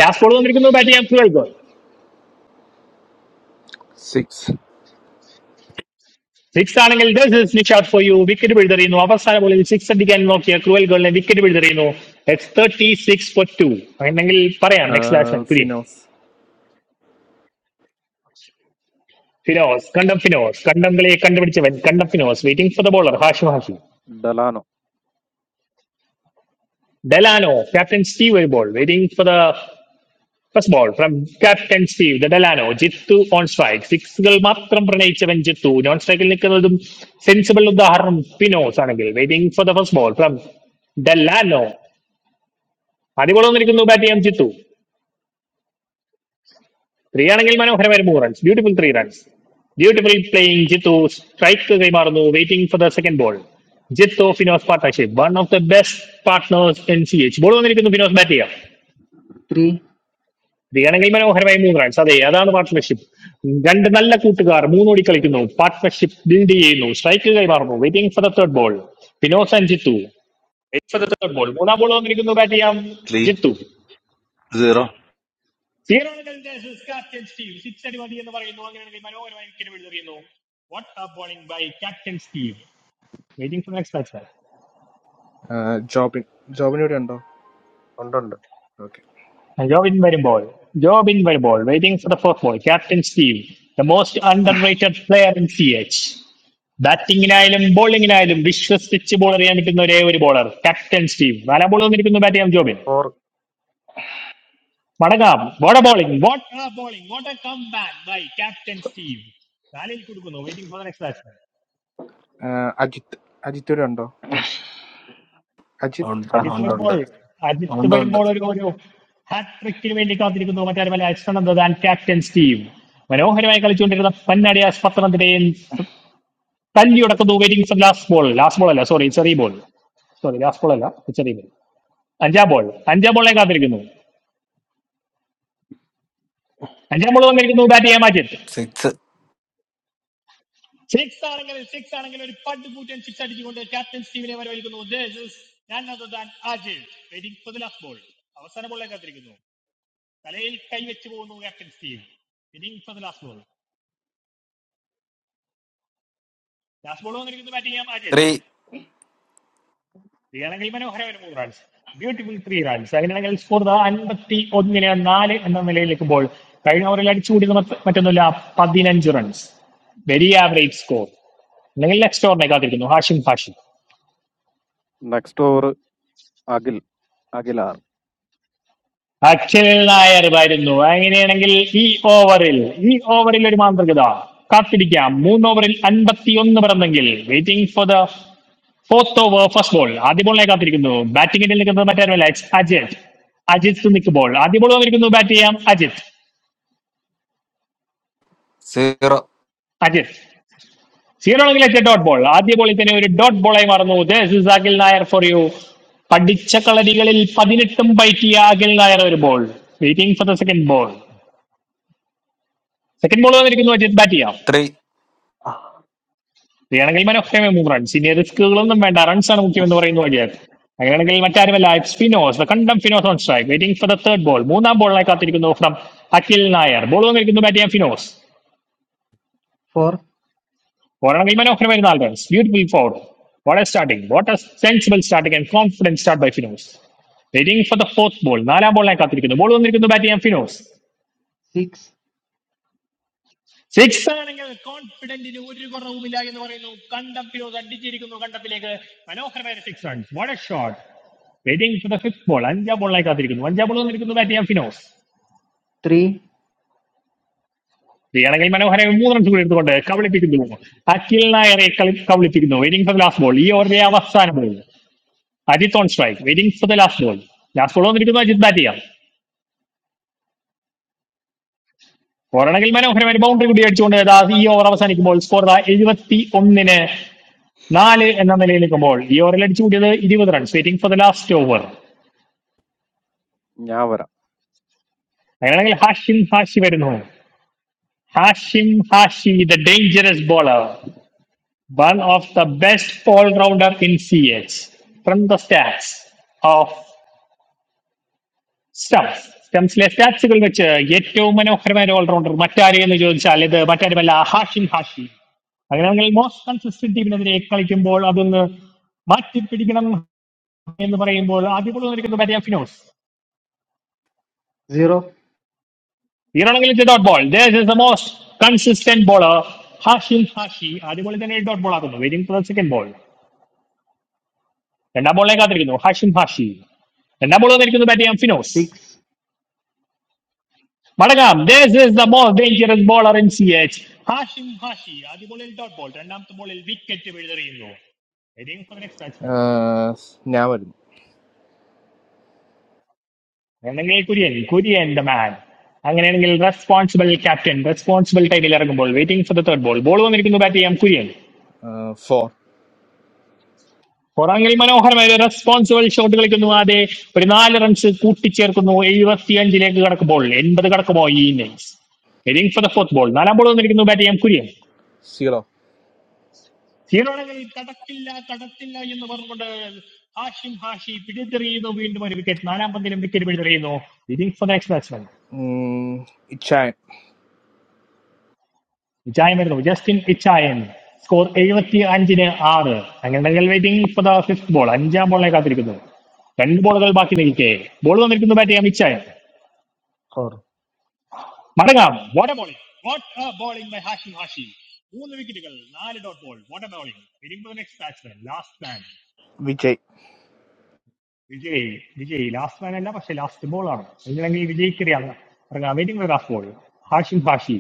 [SPEAKER 1] ലാസ്റ്റ് ബോൾ വന്നിരിക്കുന്നു ബാറ്റ് ചെയ്യാൻ ക്രുവൽ ഗോൾ
[SPEAKER 3] Six.
[SPEAKER 1] സിക്സ് ആണെങ്കിൽ ഷോട്ട് ഫോർ യു വിക്കറ്റ് പിഴുതെറിയുന്നു അവസാന ബോളിൽ സിക്സ് അടിക്കാൻ നോക്കിയ ക്രുവൽ ഗോളിനെ വിക്കറ്റ് പിഴുതെറിയുന്നു X thirty six four two അല്ലെങ്കിൽ പറയാം next
[SPEAKER 3] Ah,
[SPEAKER 1] batsman Kurian
[SPEAKER 3] finance.
[SPEAKER 1] Finos കണ്ടം ഫിനോസ് കണ്ടം കളിയെ കണ്ടുപിടിച്ചവൻ കണ്ടം Finos waiting for the bowler ഹാഷു ഹാഷി
[SPEAKER 9] Dalan.
[SPEAKER 1] ഡെലാനോ ക്യാപ്റ്റൻ സ്റ്റീവ് വരുമ്പോൾ waiting for the first ball from captain Steve the Delano Jithu on strike സിക്സുകൾ മാത്രം പ്രണയിച്ചവൻ ജിത്തു നോൺ സ്ട്രൈക്കിൽ നിൽക്കുന്നതും സെൻസിബിൾ ഉദാഹരണം പിനോസ് ആണെങ്കിൽ waiting for the first ball from Delano ആദ്യ ബോൾ വന്നിരിക്കുന്നു ബാറ്റ് ചെയ്യാൻ ജിത്തു ത്രീ ആണെങ്കിൽ മനോഹരമായ മൂന്ന് runs beautiful three runs beautiful playing Jithu strike കൈമാറുന്നു waiting for the second ball Jithu Finos partnership one of the best partners N C H ball വന്നിരിക്കുന്നു Finos bat ചെയ്യാം
[SPEAKER 2] three
[SPEAKER 1] സ്ത്രീയാണെങ്കിൽ മനോഹരമായ മൂന്ന് റൺസ് അതെ അതാണ് പാർട്ട്ണർഷിപ്പ് രണ്ട് നല്ല കൂട്ടുകാർ മൂന്നോടി കളിക്കുന്നു പാർട്ട്ണർഷിപ്പ് ബിൽഡ് ചെയ്യുന്നു സ്ട്രൈക്ക് കൈമാറുന്നു waiting for the third ball പിനോസ് and Jithu wait for the third ball മൂന്നാം ബോൾ വന്നിരിക്കുന്നു ബാറ്റ് ചെയ്യാം
[SPEAKER 4] three
[SPEAKER 1] Jithu
[SPEAKER 4] zero.
[SPEAKER 1] Zero captain Steve six അടി മതി എന്ന് പറയുന്നു അങ്ങനെയാണെങ്കിൽ മനോഹരമായി വിക്കറ്റ് പിടിച്ചെറിയുന്നു what a bowling by captain Steve waiting for next batsman
[SPEAKER 3] Ah, job in. Job in. One ando. Okay.
[SPEAKER 1] Jobin വരുമ്പോൾ ജോബിൻ വരുമ്പോൾ waiting for the fourth ball captain Steve the most underrated player in C H ബാറ്റിംഗിനായാലും ബോളിംഗിനായാലും വിശ്വസിച്ച് ball എറിയാൻ പറ്റുന്ന ഒരേ ഒരു bowler captain Steve നാലാം ബോൾ വന്നിരിക്കുന്നു ബാറ്റ് ചെയ്യാൻ ജോബിൻ
[SPEAKER 15] Four.
[SPEAKER 1] മടങ്ങാം what a bowling what a bowling what a come back by captain Steve നാലിൽ കൊടുക്കുന്നു waiting for the next batsman
[SPEAKER 3] Ah, Ajit. Ajit. One ando. Ajit.
[SPEAKER 16] Under
[SPEAKER 1] Ajith
[SPEAKER 3] Okay.
[SPEAKER 1] വരുമ്പോൾ
[SPEAKER 16] under
[SPEAKER 1] അജിത്ത്
[SPEAKER 16] under under
[SPEAKER 1] വരുമ്പോൾ ഒരു ഒരു ഹാട്രിക്കിന് വേണ്ടി കാത്തിരിക്കുന്നു മറ്റാരുമല്ല അശ്വനന്ദ ആൻഡ് ക്യാപ്റ്റൻ സ്റ്റീവ് മനോഹരമായി കളിച്ചുകൊണ്ടിരുന്ന പന്നടി ആസ്പത്രണത്തിന്റെയും തല്ലി ഉടക്കുന്നു waiting for last ball last ball അല്ല സോറി ചെറിയ ബോൾ സോറി ലാസ്റ്റ് ബോൾ അല്ല ചെറിയ ബോൾ അഞ്ചാം ബോൾ അഞ്ചാം ബോളിനെ കാത്തിരിക്കുന്നു അഞ്ച് നമ്മൾ വന്നിരിക്കുന്നു ബാറ്റ് ചെയ്യാൻ മാറ്റി
[SPEAKER 16] six
[SPEAKER 1] സിക്സ് ആണെങ്കിൽ സിക്സ് ആണെങ്കിൽ ഒരു പട്ട് കൂറ്റൻ സിക്സ് അടിച്ചുകൊണ്ട് ക്യാപ്റ്റൻ സ്റ്റീവിനെ വരവഴിക്കുന്നു This is none other than Ajay. Waiting for the last ball. അവസാന ബോളിലേക്ക് കാത്തിരിക്കുന്നു inning for the last ball last ball വന്നിരിക്കുന്നത് ബാറ്റ് ചെയ്യാൻ ആദ്യം
[SPEAKER 16] three
[SPEAKER 1] ഇതാണെങ്കിൽ മനോഹരമായ മൂന്ന് റൺസ് ബ്യൂട്ടിഫുൾ ത്രീ റൺസ് അങ്ങനെയാണെങ്കിൽ സ്കോർ അൻപത്തി ഒന്നിന് നാല് എന്ന നിലയിലേക്കുമ്പോൾ കഴിഞ്ഞ ഓവറിൽ അടിച്ചുകൂടിയത് മറ്റ് മറ്റൊന്നുമില്ല പതിനഞ്ച് റൺസ് വെരി ആവറേജ് സ്കോർ അല്ലെങ്കിൽ നെക്സ്റ്റ് ഓവറിനെ കാത്തിരിക്കുന്നു Hashim Hashim
[SPEAKER 9] Next door. Agil. Agilar.
[SPEAKER 1] Akhil Nair വരുന്നു അങ്ങനെയാണെങ്കിൽ ഈ ഓവറിൽ ഈ ഓവറിൽ ഒരു മാന്ത്രികത കാത്തിരിക്കാം മൂന്ന് ഓവറിൽ അൻപത്തി ഒന്ന് പിറന്നെങ്കിൽ waiting for the fourth over first ball ആദ്യ ബോളിനെ കാത്തിരിക്കുന്നു ബാറ്റിംഗിൽ നിൽക്കുന്നത് മറ്റാരുമല്ല it's അജിത് അജിത്ത് നിൽക്കുമ്പോൾ ആദ്യ ബോൾ വന്നിരിക്കുന്നു ബാറ്റ് ചെയ്യാം അജിത്
[SPEAKER 16] zero
[SPEAKER 1] അജിത് സീറോ ആണെങ്കിൽ അച്ഛ ഡോട്ട് ബോൾ ആദ്യ ബോളിൽ തന്നെ ഒരു ഡോട്ട് ബോളായി മാറുന്നു this is Akhil Nair for you പഠിച്ച കളരികളിൽ പതിനെട്ടും പയറ്റിയ അഖിൽ നായർ ഒരു ball waiting for the second ball second ball വന്നിരിക്കുന്നു അജിത് ബാറ്റ് ചെയ്യാം
[SPEAKER 16] three.
[SPEAKER 1] അങ്ങനെയാണെങ്കിൽ മനോഹരമായ മൂന്ന് റൺസ് ഇനി റിസ്കുകളൊന്നും വേണ്ട റൺസ് ആണ് മുഖ്യം എന്ന് പറയുന്ന പോലെയാണ് അങ്ങനെയാണെങ്കിൽ മറ്റാരുമല്ല ഇറ്റ്സ് ഫിനോസ് ദ കണ്ടം Finos on strike waiting for the third ball മൂന്നാം ബോളിനായി കാത്തിരിക്കുന്നു ഫ്രം അഖിൽ നായർ ബോൾ വന്നിരിക്കുന്നു ബാറ്റ് ചെയ്യാൻ ഫിനോസ്
[SPEAKER 2] ഫോർ
[SPEAKER 1] ഓരാണെങ്കിൽ മനോഹരമായ നാല് runs beautiful four what a starting what a sensible starting and confidence start by Finos waiting for the fourth ball നാലാം ബോളിനായി കാത്തിരിക്കുന്നു ബോൾ വന്നിരിക്കുന്നു ബാറ്റ് ചെയ്യാൻ ഫിനോസ്
[SPEAKER 2] സിക്സ്
[SPEAKER 1] സിക്സ് ആണെങ്കിൽ കോൺഫിഡന്റിന് ഒരു കുറവുമില്ല എന്ന് പറയുന്നു കണ്ടം ഫിനോസ് അടിച്ചിരിക്കുന്നു കണ്ടത്തിലേക്ക് മനോഹരമായ six runs what a shot waiting for the fifth ball അഞ്ചാം ബോളിനായി കാത്തിരിക്കുന്നു അഞ്ചാം ബോൾ വന്നിരിക്കുന്നു ബാറ്റ് ചെയ്യാൻ ഫിനോ
[SPEAKER 2] ത്രീ
[SPEAKER 1] ചെയ്യണമെങ്കിൽ മനോഹരമായി മൂന്ന് റൺസ് കൂടി എടുത്തുകൊണ്ട് കബളിപ്പിക്കുന്നു അഖിൽ നായരെ കളി കബളിപ്പിക്കുന്നു waiting for the last ball ഈ ഓവറിലെ അവസാന ball Ajith on strike waiting for the last ball last ball വന്നിരിക്കുന്നു അജിത് ബാറ്റ് ചെയ്യാം പോരാണെങ്കിൽ മനോഹരമായി ബൗണ്ടറി കൂടി അടിച്ചുകൊണ്ട് ദാ ഈ ഓവർ അവസാനിക്കുമ്പോൾ സ്കോർ എഴുപത്തി ഒന്നിന് നാല് എന്ന നിലയിൽ നിൽക്കുമ്പോൾ ഈ ഓവറിൽ അടിച്ചു കൂടിയത് ഇരുപത് runs waiting for the last over
[SPEAKER 9] Niambara.
[SPEAKER 1] അങ്ങനെയാണെങ്കിൽ ഹാഷിം ഹാഷി വരുന്നു Hashim Hashi the dangerous bowler One of the best all-rounder in C. H. From the stats of stuff, some stats which yet to, I mean, we have many all-rounders. Matty Ariyel is one of the. But that's why Hashim Hashmi. If we talk about most consistent team, that is the Ekka's team ball.
[SPEAKER 2] Zero
[SPEAKER 1] That is the most consistent ball. Hashim Hashmi. That is why they are the eight dot ball. That is the most consistent ball. Hashim Hashmi. That is why they are the eight dot ball. That is the waiting for the second ball. That is why they are the eight dot ball. രണ്ടാം ball വന്നിരിക്കുന്നത് bat ചെയ്യാം Finos
[SPEAKER 2] six
[SPEAKER 1] മടങ്ങാം this is the most dangerous bowler in CH Hashim Hashi ആദ്യ ബോളിൽ dot ball രണ്ടാമത്തെ ബോളിൽ wicket വീഴുതെറിയുന്നു Heading for the next batsman.
[SPEAKER 3] Never.
[SPEAKER 1] വേണമെങ്കിൽ കുര്യൻ കുര്യൻ ദ മാൻ അങ്ങനെയാണെങ്കിൽ റെസ്പോൺസിബിൾ ക്യാപ്റ്റൻ റെസ്പോൺസിബിൾ ടൈമിൽ ഇറങ്ങുമ്പോൾ waiting for the third ball ball വന്നിരിക്കുന്നു ബാറ്റ് ചെയ്യാം കുര്യൻ
[SPEAKER 3] Four
[SPEAKER 1] പുറങ്ങിൽ മനോഹരമായ ഒരു റെസ്പോൺസിബിൾ ഷോട്ട് കളിക്കുന്നു അതെ ഒരു നാല് റൺസ് കൂട്ടിച്ചേർക്കുന്നു എഴുപത്തിയഞ്ചിലേക്ക് കടക്കുമ്പോൾ എൺപത് കടക്കുമോ ഈ innings heading for the fourth ball നാലാം ബോൾ വന്നിരിക്കുന്നു ബാറ്റ് ചെയ്യാം കുര്യൻ
[SPEAKER 3] zero.
[SPEAKER 1] സീറോണകൾ കടക്കില്ല കടക്കില്ല എന്ന് പറഞ്ഞുകൊണ്ട് ഹാഷിം ഹാഷി പിടിതെറിയുന്നു വീണ്ടും ഒരു വിക്കറ്റ് നാലാം പന്തിലും വിക്കറ്റ് പിടിതെറിയുന്നു leading for next batsman
[SPEAKER 3] It's a
[SPEAKER 1] ഇച്ചായം വരുന്നു ജസ്റ്റിൻ ഇച്ചായൻ സ്കോർ എഴുപത്തി അഞ്ചിന് ആറ് അങ്ങനെ waiting for the fifth ball അഞ്ചാം ബോളിനെ കാത്തിരിക്കുന്നു രണ്ട് ബോളുകൾ ബാക്കി നിൽക്കെ ബോൾ വന്നിരിക്കുന്നു ബാറ്റ് ചെയ്യാം ഇച്ചായൻ മടങ്ങാം what A bowling what A bowling by Hashim Hashi മൂന്ന് വിക്കറ്റുകൾ നാല് ഡോട്ട് ബോൾ വാട്ട് എ ബോളിംഗ് waiting for next batsman last man.
[SPEAKER 3] Vijay.
[SPEAKER 1] Vijay Vijay last man അല്ല പക്ഷെ ലാസ്റ്റ് ബോൾ ആണ് എങ്കിലെങ്കിൽ വിജയിക്കറിയാം waiting last ball Hashim Hashi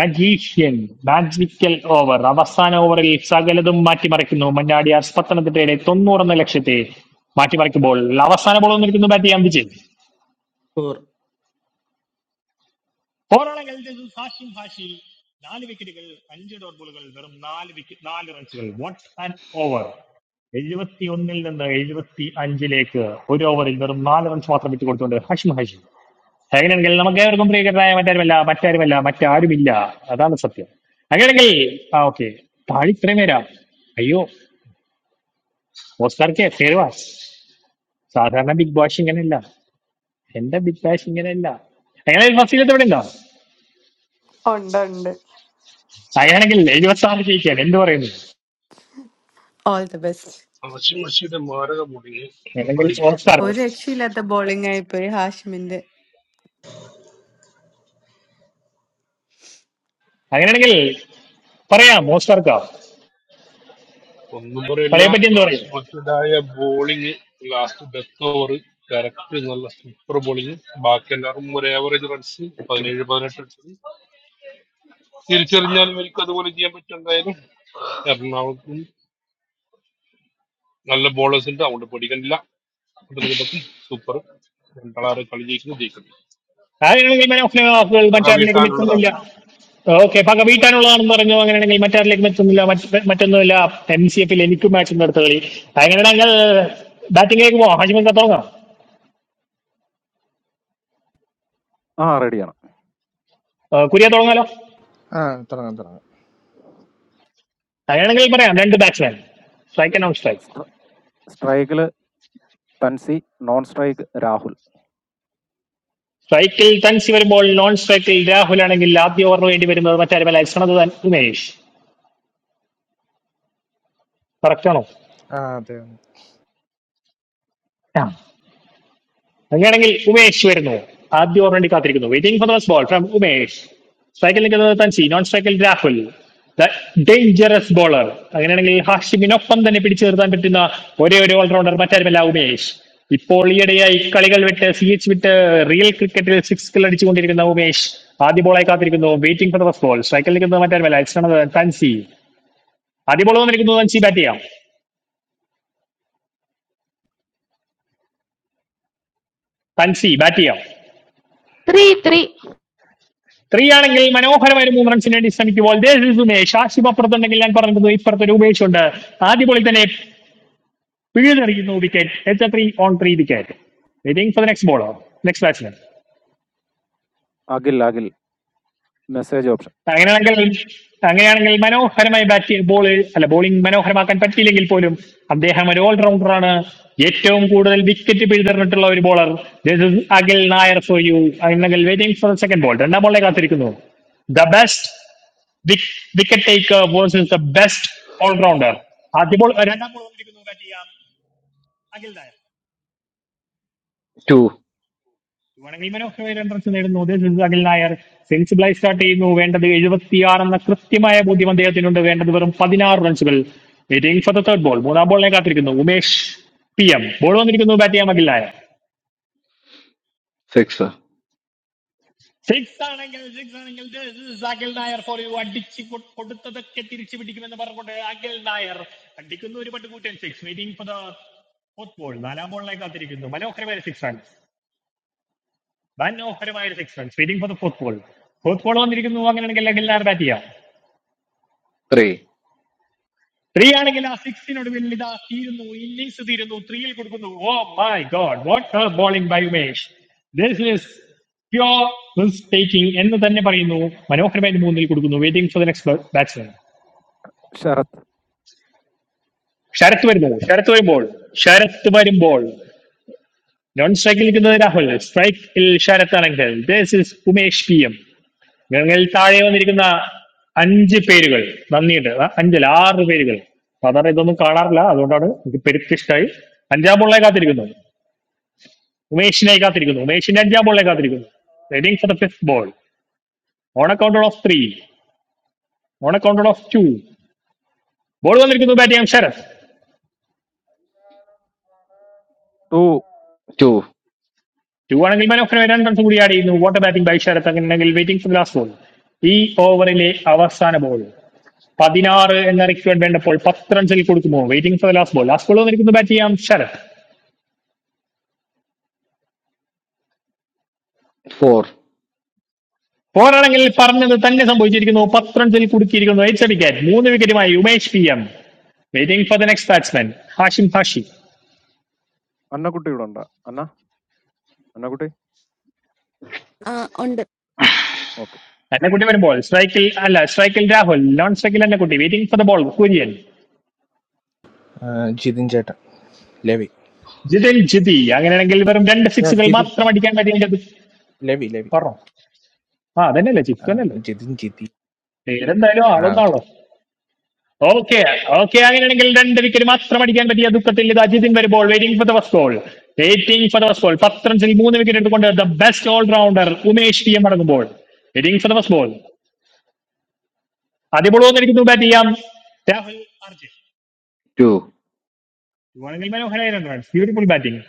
[SPEAKER 1] magician magical over അവസാന ഓവറിൽ സകലതും മാറ്റിമറിക്കുന്നു മഞ്ഞാടിയാർ പത്തനംതിട്ടയുടെ തൊണ്ണൂറെന്ന ലക്ഷ്യത്തെ മാറ്റിമറിക്കുമ്പോൾ അവസാന ബോൾ വന്നിരിക്കുന്നു ബാറ്റ് ചെയ്യാൻ വിജയ് പോരാളങ്ങൾ ഹാഷിം ഹാഷി നാല് വിക്കറ്റുകൾ അഞ്ച് ഡോട്ട് ബോളുകൾ വെറും നാല് വിക്കറ്റ് നാല് റൺസുകൾ വാട്ട് ആൻഡ് ഓവർ എഴുപത്തി ഒന്നിൽ നിന്ന് എഴുപത്തി അഞ്ചിലേക്ക് ഒരു ഓവറിൽ വെറും നാല് റൺസ് മാത്രം വിട്ടുകൊടുത്തുകൊണ്ട് ഹാഷിം ഹാഷി അങ്ങനെയാണെങ്കിൽ നമുക്ക് ഏവർക്കും പ്രിയകരായ മറ്റാരുമല്ല മറ്റാരുമല്ല മറ്റാരുമില്ല അതാണ് സത്യം അങ്ങനെയാണെങ്കിൽ ആ ഓക്കെ താഴെ ഇത്രയും പേരാ അയ്യോ ഓസ്കാർ കെ ഫേർവാസ് സാധാരണ ബിഗ് ബാഷ് ഇങ്ങനെയല്ല എന്റെ ബിഗ് ബാഷ് ഇങ്ങനെയല്ല അങ്ങനെയാണെങ്കിൽ ഫസ്റ്റിലത്തെ ഇവിടെ ഉണ്ടോ
[SPEAKER 6] Ande ande.
[SPEAKER 1] അങ്ങനെയാണെങ്കിൽ എഴുപത്തി ആറ് ജയിക്കാൻ എന്ത് പറയുന്നു
[SPEAKER 6] All the best.
[SPEAKER 10] മഷി മഷിയുടെ മാരക മുടി
[SPEAKER 1] അല്ലെങ്കിൽ
[SPEAKER 10] പറയില്ല
[SPEAKER 1] Oscar
[SPEAKER 6] Oor ekshi ladha ballingay pere hash minde.
[SPEAKER 1] അങ്ങനെയാണെങ്കിൽ പറയാം ഓസ്കാർക്ക
[SPEAKER 10] ഒന്നും പറയില്ല
[SPEAKER 1] കളിയെ പറ്റി എന്ത് പറയും
[SPEAKER 10] ആശുപത്രിയുടേതായ bowling last death over correct നല്ല സൂപ്പർ ബോളിങ് ബാക്കി എല്ലാവരും ഒരു ആവറേജ് റൺസ്
[SPEAKER 17] Two,
[SPEAKER 10] പതിനേഴ് പതിനെട്ട് റൺസ് തിരിച്ചറിഞ്ഞാൽ ഇവർക്ക് അതുപോലെ ചെയ്യാൻ പറ്റും എന്തായാലും എറണാകുളത്തും നല്ല ബോളേഴ്സ് ഉണ്ട് അതുകൊണ്ട് പേടിക്കണില്ല പത്തനംതിട്ടക്കും സൂപ്പർ രണ്ടാളാറ് കളി ജയിക്കുന്നത് ജയിക്കുന്നു
[SPEAKER 1] അങ്ങനെയാണെങ്കിൽ മനോഫിലെ വാക്കുകൾ
[SPEAKER 10] നമുക്ക്
[SPEAKER 1] മറ്റാരിലേക്കും
[SPEAKER 10] വീട്ടാനുള്ളതാണ്
[SPEAKER 1] എത്തുന്നില്ല ഓക്കെ പക വീട്ടാനുള്ളതാണെന്ന് പറഞ്ഞു അങ്ങനെയാണെങ്കിൽ മറ്റാരിലേക്കും എത്തുന്നില്ല മറ്റ് മറ്റൊന്നുമില്ല എം സി എഫിൽ എനിക്കും മാച്ച് ഉണ്ട് അടുത്ത കളി അങ്ങനെയാണെങ്കിൽ ബാറ്റിംഗിലേക്ക് പോവാം ഹാജിമൊക്കെ തുടങ്ങാം
[SPEAKER 9] Ah, ready.
[SPEAKER 1] ഏഹ് കുര്യ തുടങ്ങാലോ
[SPEAKER 3] Ah, wrong, wrong.
[SPEAKER 1] അങ്ങനെയാണെങ്കിൽ പറയാം രണ്ട് batsman strike non strike
[SPEAKER 9] Strikele. Tansey. Non strike. Rahul.
[SPEAKER 1] സ്ട്രൈക്കിൽ തൻസി വരുമ്പോൾ നോൺ സ്ട്രൈക്കിൽ രാഹുൽ ആണെങ്കിൽ ആദ്യ ഓവർ വേണ്ടി വരുന്നത് മറ്റാരുമല്ല ശ്രമത് ഉമേഷ് കറക്റ്റ് ആണോ
[SPEAKER 3] Ah, damn.
[SPEAKER 1] ആ അങ്ങനെയാണെങ്കിൽ ഉമേഷ് വരുന്നു ആദ്യ ഓവർ വേണ്ടി കാത്തിരിക്കുന്നു waiting for those ball from Umesh സ്ട്രൈക്കിൽ നിൽക്കുന്നത് തൻസി നോൺ സ്ട്രൈക്കിൽ രാഹുൽ ദ ഡേഞ്ചറസ് ബോളർ അങ്ങനെയാണെങ്കിൽ ഹാഷിമിനൊപ്പം തന്നെ പിടിച്ചു നിർത്താൻ പറ്റുന്ന ഒരേ ഒരു ഓൾറൗണ്ടർ മറ്റാരുമല്ല ഉമേഷ് ഇപ്പോൾ ഈയിടെയായി കളികൾ വിട്ട് സി എച്ച് വിട്ട് റിയൽ ക്രിക്കറ്റിൽ സിക്സ് കിൽ അടിച്ചുകൊണ്ടിരിക്കുന്ന ഉമേഷ് ആദ്യ ബോളായി കാത്തിരിക്കുന്നു വെയിറ്റിംഗ് ഫോർ ദോസ് ബോൾ സ്ട്രൈക്കിൽ നിൽക്കുന്നത് മറ്റാരുമല്ല ഇറ്റ്സ് തൻസി ആദ്യ ബോൾ വന്നിരിക്കുന്നത് തൻസി ബാറ്റ് ചെയ്യാം തൻസി ബാറ്റ് ചെയ്യാം
[SPEAKER 18] three three.
[SPEAKER 1] ത്രീ ആണെങ്കിൽ മനോഹരമായ ഒരു മൂന്ന് റൺസിന് വേണ്ടി ശ്രമിക്കുമ്പോൾ ദേ is ഉമേഷ് ആശിപ് അപ്പുറത്തുണ്ടെങ്കിൽ ഞാൻ പറഞ്ഞത് ഇപ്പുറത്തൊരു ഉമേഷ് ഉണ്ട് ആദ്യ ബോളിൽ തന്നെ പിഴുതെറിയുന്നു wicket H three on three wicket waiting for the next ബോളോ next batsman
[SPEAKER 9] Agil. Agil. Message option.
[SPEAKER 1] അങ്ങനെയാണെങ്കിൽ അങ്ങനെയാണെങ്കിൽ മനോഹരമായി ബാറ്റ് ചെയ്ത് ബോൾ അല്ല ബോളിംഗ് മനോഹരമാക്കാൻ പറ്റിയില്ലെങ്കിൽ പോലും അദ്ദേഹം ഒരു ഓൾറൗണ്ടർ ആണ് ഏറ്റവും കൂടുതൽ വിക്കറ്റ് പിഴുതെറിഞ്ഞിട്ടുള്ള ഒരു bowler this is Akhil Nair for you അല്ലെങ്കിൽ വെയിറ്റിംഗ് ഫോർ സെക്കൻഡ് ബോൾ രണ്ടാം ബോളിനെ കാത്തിരിക്കുന്നു the best wicket taker versus the best allrounder ആദ്യ ബോൾ രണ്ടാം ബോൾ വന്നിരിക്കുന്നു bat ചെയ്യാം
[SPEAKER 17] two,
[SPEAKER 1] വേണമെങ്കിൽ മനോഹരമായ റൺസ് നേടുന്നു ഉദ്ദേശിച്ചത് അഖിൽ നായർ സെൻസിബിളായി സ്റ്റാർട്ട് ചെയ്യുന്നു വേണ്ടത് എഴുപത്തിയാറ് എന്ന കൃത്യമായ ബോധ്യം അദ്ദേഹത്തിനുണ്ട് വേണ്ടത് വെറും പതിനാറ് റൺസുകൾ waiting for the third ball മൂന്നാം ബോളിനെ കാത്തിരിക്കുന്നു ഉമേഷ് പി എം ബോൾ വന്നിരിക്കുന്നു ബാറ്റ് ചെയ്യാൻ അഖിൽ നായർ
[SPEAKER 17] six,
[SPEAKER 1] സിക്സ് ആണെങ്കിൽ സിക്സ് ആണെങ്കിൽ this is Akhil Nair for you അടിച്ച് കൊ- കൊടുത്തതൊക്കെ തിരിച്ചു പിടിക്കുമെന്ന് പറഞ്ഞുകൊണ്ട് അഖിൽ നായർ അടിക്കുന്നു ഒരു പട്ടുകൂറ്റൻ six waiting for the fourth ball നാലാം ബോളിനെ കാത്തിരിക്കുന്നു മനോഹരമായ സിക്സ് ആണ് വൻ ഓവറുമായ ഒരു six runs waiting for the fourth ball fourth ball വന്നിരിക്കുന്നു അങ്ങനെയാണെങ്കിൽ ഡെല്ലാർ ബാറ്റ് ചെയ്യാം
[SPEAKER 17] three,
[SPEAKER 1] ത്രീ ആണെങ്കിൽ ആ സിക്സിനൊടുവിൽ ഇതാ തീരുന്നു ഇന്നിങ്സ് തീരുന്നു ത്രീയിൽ കൊടുക്കുന്നു oh my god what A bowling by Umesh this is pure risk taking എന്ന് തന്നെ പറയുന്നു മനോഹരമായി മൂന്നിൽ കൊടുക്കുന്നു waiting for the next batsman
[SPEAKER 9] Sharath.
[SPEAKER 1] Sarath വരുന്നു ശരത് വരുമ്പോൾ ശരത് വരുമ്പോൾ നോൺ സ്ട്രൈക്കിൽ നിൽക്കുന്നത് രാഹുൽ സ്ട്രൈക്കിൽ ശരത് ആണെങ്കിൽ this is Umesh P M ഞങ്ങൾ താഴെ വന്നിരിക്കുന്ന അഞ്ച് പേരുകൾ നന്ദിയുണ്ട് ആ, അഞ്ചല്ല ആറ് പേരുകൾ സാധാരണ ഇതൊന്നും കാണാറില്ല അതുകൊണ്ടാണ് എനിക്ക് പെരുത്ത് ഇഷ്ടമായി അഞ്ചാം ബോളിനായി കാത്തിരിക്കുന്നു ഉമേഷിനായി കാത്തിരിക്കുന്നു ഉമേഷിന്റെ അഞ്ചാം ബോളിനായി കാത്തിരിക്കുന്നു റെഡിങ് for the fifth ball on accounted off three on accounted off two ball വന്നിരിക്കുന്നു ബാറ്റ് ചെയ്യാം ശരത്
[SPEAKER 9] Two.
[SPEAKER 17] two,
[SPEAKER 1] ടു ആണെങ്കിൽ മനോഹരമായി രണ്ട് റൺസ് കൂടി ആഡ് ചെയ്യുന്നു വാട്ടർ ബാറ്റിംഗ് ബൈ ശരത് അങ്ങനെയാണെങ്കിൽ വെയിറ്റിംഗ് ഫോർ ലാസ്റ്റ് ബോൾ ഈ ഓവറിലെ അവസാന ബോൾ പതിനാറ് എന്ന റിക്വയർഡ് വേണ്ടപ്പോൾ പത്ത് റൺസിൽ കൊടുക്കുന്നു waiting for last ball last ball വന്നിരിക്കുന്നു ബാറ്റ് ചെയ്യാം ശരത്
[SPEAKER 17] four,
[SPEAKER 1] പോരാണെങ്കിൽ പറഞ്ഞത് തന്നെ സംഭവിച്ചിരിക്കുന്നു പത്ത് റൺസിൽ കുടുക്കിയിരിക്കുന്നു എച്ച് വിക്കറ്റ് മൂന്ന് വിക്കറ്റുമായി Umesh P M waiting for the next batsman Hashim Hashi
[SPEAKER 9] Anna Kutty or Anna? Anna Kutty.
[SPEAKER 19] uh, on the
[SPEAKER 9] Okay.
[SPEAKER 1] Annakutty വരുമ്പോൾ സ്ട്രൈക്കിൽ അല്ല സ്ട്രൈക്കിൽ രാഹുൽ നോൺ സ്ട്രൈക്കിൽ Annakutty waiting for the ball Kurian
[SPEAKER 3] Ah, Jithin Jetha. Levy.
[SPEAKER 1] Jithin Jithi അങ്ങനെയാണെങ്കിൽ വെറും രണ്ട്
[SPEAKER 3] Yeah,
[SPEAKER 1] സിക്സുകൾ
[SPEAKER 3] Jithin.
[SPEAKER 1] മാത്രം അടിക്കാൻ പറ്റിയത്
[SPEAKER 3] Levy, Levy.
[SPEAKER 1] പറഞ്ഞു ആ അതന്നെയല്ലേ ചിത്തു
[SPEAKER 3] Ah,
[SPEAKER 1] തന്നെയല്ലേ
[SPEAKER 3] Jithin Jithi.
[SPEAKER 1] പേരെന്തായാലും
[SPEAKER 3] Ah, okay.
[SPEAKER 1] ആളൊന്നാളോ ഓക്കെ ഓക്കെ അങ്ങനെയാണെങ്കിൽ രണ്ട് വിക്കറ്റ് മാത്രം അടിക്കാൻ പറ്റിയ ദുഃഖത്തിൽ ഇത് അജിതിൻ വരുമ്പോൾ waiting for the first ball waiting for the first ball പത്ത് റൺസിൽ മൂന്ന് വിക്കറ്റ് എടുത്തുകൊണ്ട് the best allrounder Umesh P M അടങ്ങുമ്പോൾ waiting for the first ball അതിപ്പോൾ വന്നിരിക്കുന്നു ബാറ്റ് ചെയ്യാം Rahul Arjun
[SPEAKER 17] two,
[SPEAKER 1] beautiful batting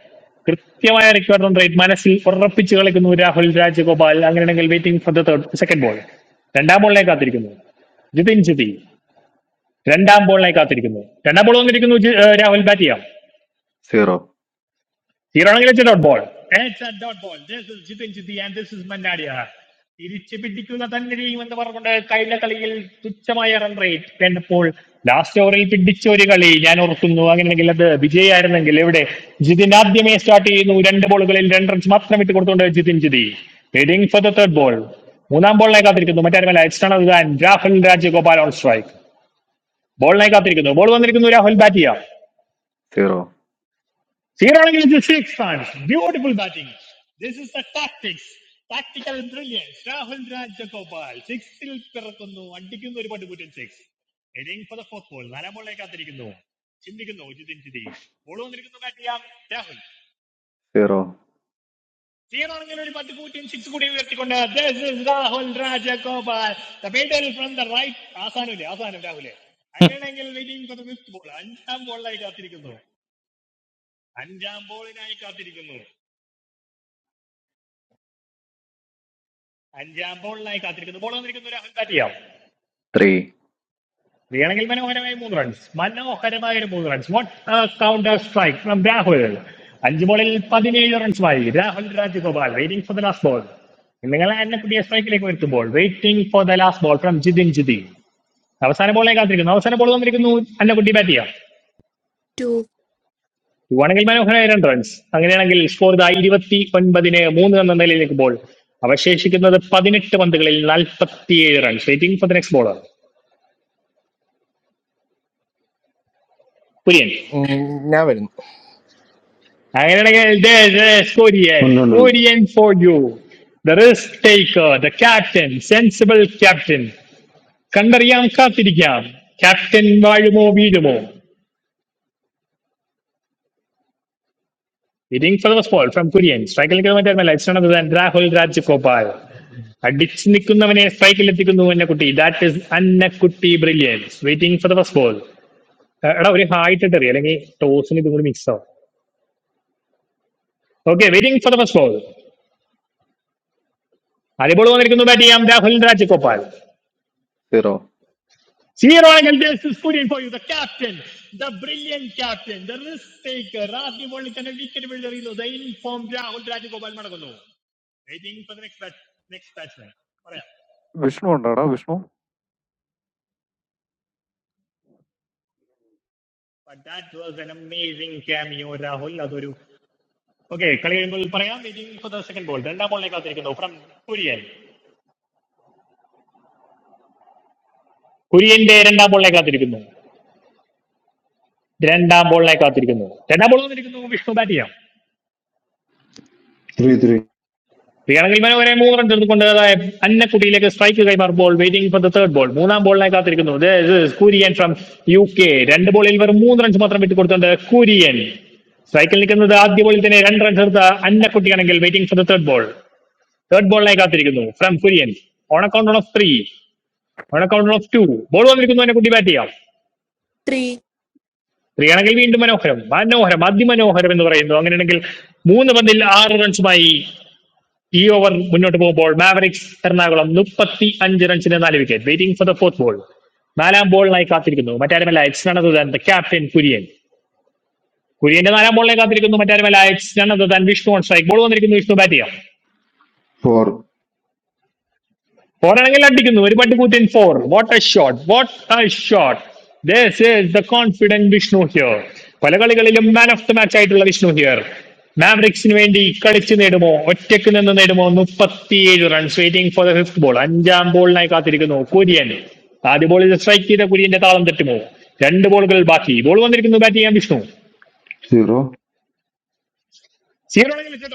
[SPEAKER 1] കൃത്യമായ റിക്വയർ റൺ റേറ്റ് മനസ്സിൽ ഉറപ്പിച്ച് കളിക്കുന്നു രാഹുൽ രാജഗോപാൽ അങ്ങനെയാണെങ്കിൽ waiting for the third second ball രണ്ടാം ബോളിനെ കാത്തിരിക്കുന്നു ജിതിൻ ജിതി രണ്ടാം ബോളിനെ കാത്തിരിക്കുന്നു രണ്ടാം ബോൾ വന്നിരിക്കുന്നു ജി- ഏഹ് രാഹുൽ ബാറ്റ് ചെയ്യാം
[SPEAKER 17] zero,
[SPEAKER 1] സീറോയാണെങ്കിൽ it's dot ball it's a dot ball this is Jithin Jithi and this is മന്നാടിയ തിരിച്ചു പിടിക്കുക തന്നെ ചെയ്യുമെന്ന് പറഞ്ഞുകൊണ്ട് കഴിഞ്ഞ കളിയിൽ തുച്ഛമായ റൺ റേറ്റ് വേണ്ടപ്പോൾ ലാസ്റ്റ് ഓവറിൽ പിടിച്ച ഒരു കളി ഞാൻ ഓർക്കുന്നു അങ്ങനെയാണെങ്കിൽ അത് വിജയായിരുന്നെങ്കിൽ എവിടെ ജിതിൻ ആദ്യമേ സ്റ്റാർട്ട് ചെയ്യുന്നു രണ്ട് ബോളുകളിൽ രണ്ട് റൺസ് മാത്രം ഇട്ട് കൊടുത്തുകൊണ്ട് Jithin Jithi heading for the third ball മൂന്നാം ബോളിനായി കാത്തിരിക്കുന്നു മറ്റാരുമല്ല എക്സ്റ്റേണൽ ഗാൻ രാഹുൽ രാജഗോപാൽ ഓൺ സ്ട്രൈക്ക് ബോളിനായി കാത്തിരിക്കുന്നു ബോൾ വന്നിരിക്കുന്നു രാഹുൽ ബാറ്റ് ചെയ്യാം
[SPEAKER 17] zero,
[SPEAKER 1] സീറോ ആണെങ്കിൽ സിക്സ്
[SPEAKER 17] zero,
[SPEAKER 1] അഞ്ചാം ബോളിനായി കാത്തിരിക്കുന്നു ബോൾ വന്നിരിക്കുന്നു രാഹുൽ ബാറ്റ് ചെയ്യാം
[SPEAKER 17] three,
[SPEAKER 1] വേണമെങ്കിൽ മനോഹരമായ മൂന്ന് റൺസ് മനോഹരമായ ഒരു മൂന്ന് runs what counter strike from Rahul അഞ്ച് ബോളിൽ പതിനേഴ് റൺസുമായി Rahul Rajagopal waiting for the last ball നിങ്ങൾ എന്നെ പുതിയ സ്ട്രൈക്കിലേക്ക് വരുത്തുമ്പോൾ waiting for the last ball from Jithin Jithi അവസാന ബോളിനായി കാത്തിരിക്കുന്നു അവസാന ബോൾ വന്നിരിക്കുന്നു അന്ന കുട്ടി ബാറ്റ് ചെയ്യാം
[SPEAKER 19] two,
[SPEAKER 1] ഇവാണെങ്കിൽ മനോഹരമായ രണ്ട് റൺസ് അങ്ങനെയാണെങ്കിൽ സ്കോർ ഇതാ ഇരുപത്തി ഒൻപതിന് മൂന്ന് എന്ന നിലയിൽ നിൽക്കുമ്പോൾ അവശേഷിക്കുന്നത് പതിനെട്ട് പന്തുകളിൽ നാൽപ്പത്തിയേഴ് runs waiting for the next bowler Kurian
[SPEAKER 3] Hmm, never.
[SPEAKER 1] അങ്ങനെയാണെങ്കിൽ there- there's Korean.
[SPEAKER 13] no, no, no.
[SPEAKER 1] Korean for you. The risk taker, the captain, sensible captain. കണ്ടറിയാം കാത്തിരിക്കാം. Captain വാഴുമോ വീഴുമോ. Reading for the fall from Korean. Strike ലേക്ക് മാറ്റാൻ It's none other than Rahul Rajagopal. അടിച്ചു നിൽക്കുന്നവനെ സ്ട്രൈക്കിൽ എത്തിക്കുന്നു Annakutty that is Annakutty brilliance waiting for the first ball എടാ ഒരു hi ഇട്ടിട്ട് അറിയാം അല്ലെങ്കിൽ ടോസിന് ഇതും കൂടി മിക്സ് ആവും okay waiting for the first ball അതേ ബോൾ വന്നിരിക്കുന്നു ബാറ്റ് ചെയ്യാം Rahul Rajagopal
[SPEAKER 17] zero.
[SPEAKER 1] Senior Oil this is Kurian for you, the captain, the brilliant captain, the risk taker, Ravi World and a wicket builder, you know, the informed Rahul Dravid Gopal Madagalu. Waiting for the next bat, next batsman. പറയാം.
[SPEAKER 9] Vishnu or Vishnu?
[SPEAKER 1] But that was an amazing cameo, Rahul. അതൊരു okay കളി കഴിയുമ്പോൾ പറയാം waiting for the second ball രണ്ടാം ബോളിനെ കാത്തിരിക്കുന്നു from Kurian കുര്യന്റെ രണ്ടാം ബോളിനെ കാത്തിരിക്കുന്നു രണ്ടാം ബോളിനെ കാത്തിരിക്കുന്നു രണ്ടാം ബോൾ വന്നിരിക്കുന്നു വിഷ്ണു ബാറ്റ്
[SPEAKER 13] Three, three,
[SPEAKER 1] ശ്രീയാണെങ്കിൽ മനോഹരെ മൂന്ന് റൺസ് എടുത്തുകൊണ്ട് അതായത് അന്നക്കുട്ടിയിലേക്ക് സ്ട്രൈക്ക് കൈമാർ ball waiting for the third ball മൂന്നാം ബോളിനായി കാത്തിരിക്കുന്നു കുര്യൻ ഫ്രം യു കെ രണ്ട് ബോളിൽ വെറും മൂന്ന് റൺസ് മാത്രം വിട്ടുകൊടുത്തുണ്ട് കുര്യൻ സ്ട്രൈക്കിൽ നിൽക്കുന്നത് ആദ്യ ബോളിൽ തന്നെ രണ്ട് റൺസ് എടുത്ത അന്നക്കുട്ടിയാണെങ്കിൽ waiting for the third ball third ബോളിനായി കാത്തിരിക്കുന്നു from Kurian on account of three on account of two ball വന്നിരിക്കുന്നു അന്നക്കുട്ടി ബാറ്റ് ചെയ്യാം
[SPEAKER 19] three,
[SPEAKER 1] ത്രീ ആണെങ്കിൽ വീണ്ടും മനോഹരം മനോഹരം അതിമനോഹരം എന്ന് പറയുന്നു അങ്ങനെയാണെങ്കിൽ മൂന്ന് പന്തിൽ ആറ് റൺസുമായി ഈ ഓവർ മുന്നോട്ട് പോകുമ്പോൾ മാവറിക്സ് എറണാകുളം മുപ്പത്തി അഞ്ച് റൺസിന് നാല് wicket waiting for the fourth ball നാലാം ബോളിനായി കാത്തിരിക്കുന്നു മറ്റാരുമല്ല it's none other than the captain Kurian കുര്യന്റെ നാലാം ബോളിനായി കാത്തിരിക്കുന്നു മറ്റാരുമല്ല it's none other than Vishnu on strike ball വന്നിരിക്കുന്നു വിഷ്ണു ബാറ്റ് ചെയ്യാം
[SPEAKER 13] four,
[SPEAKER 1] ഫോറാണെങ്കിൽ അടിക്കുന്നു ഒരു പട്ടി കൂത്തിൻ four what a shot what a shot this is the confident Vishnu here പല കളികളിലും മാൻ ഓഫ് ദ മാച്ച് ആയിട്ടുള്ള വിഷ്ണു ഹിയർ മാവറിക്സിന് വേണ്ടി കളിച്ച് നേടുമോ ഒറ്റയ്ക്ക് നിന്ന് നേടുമോ മുപ്പത്തിയേഴ് runs waiting for the fifth ball അഞ്ചാം ബോളിനായി കാത്തിരിക്കുന്നു കുര്യൻ ആദ്യ ബോളിൽ സ്ട്രൈക്ക് ചെയ്ത കുര്യന്റെ താളം തെറ്റുമോ രണ്ട് ബോളുകൾ ബാക്കി ബോൾ വന്നിരിക്കുന്നു ബാറ്റ് ചെയ്യാൻ വിഷ്ണു
[SPEAKER 13] zero,
[SPEAKER 1] സീറോ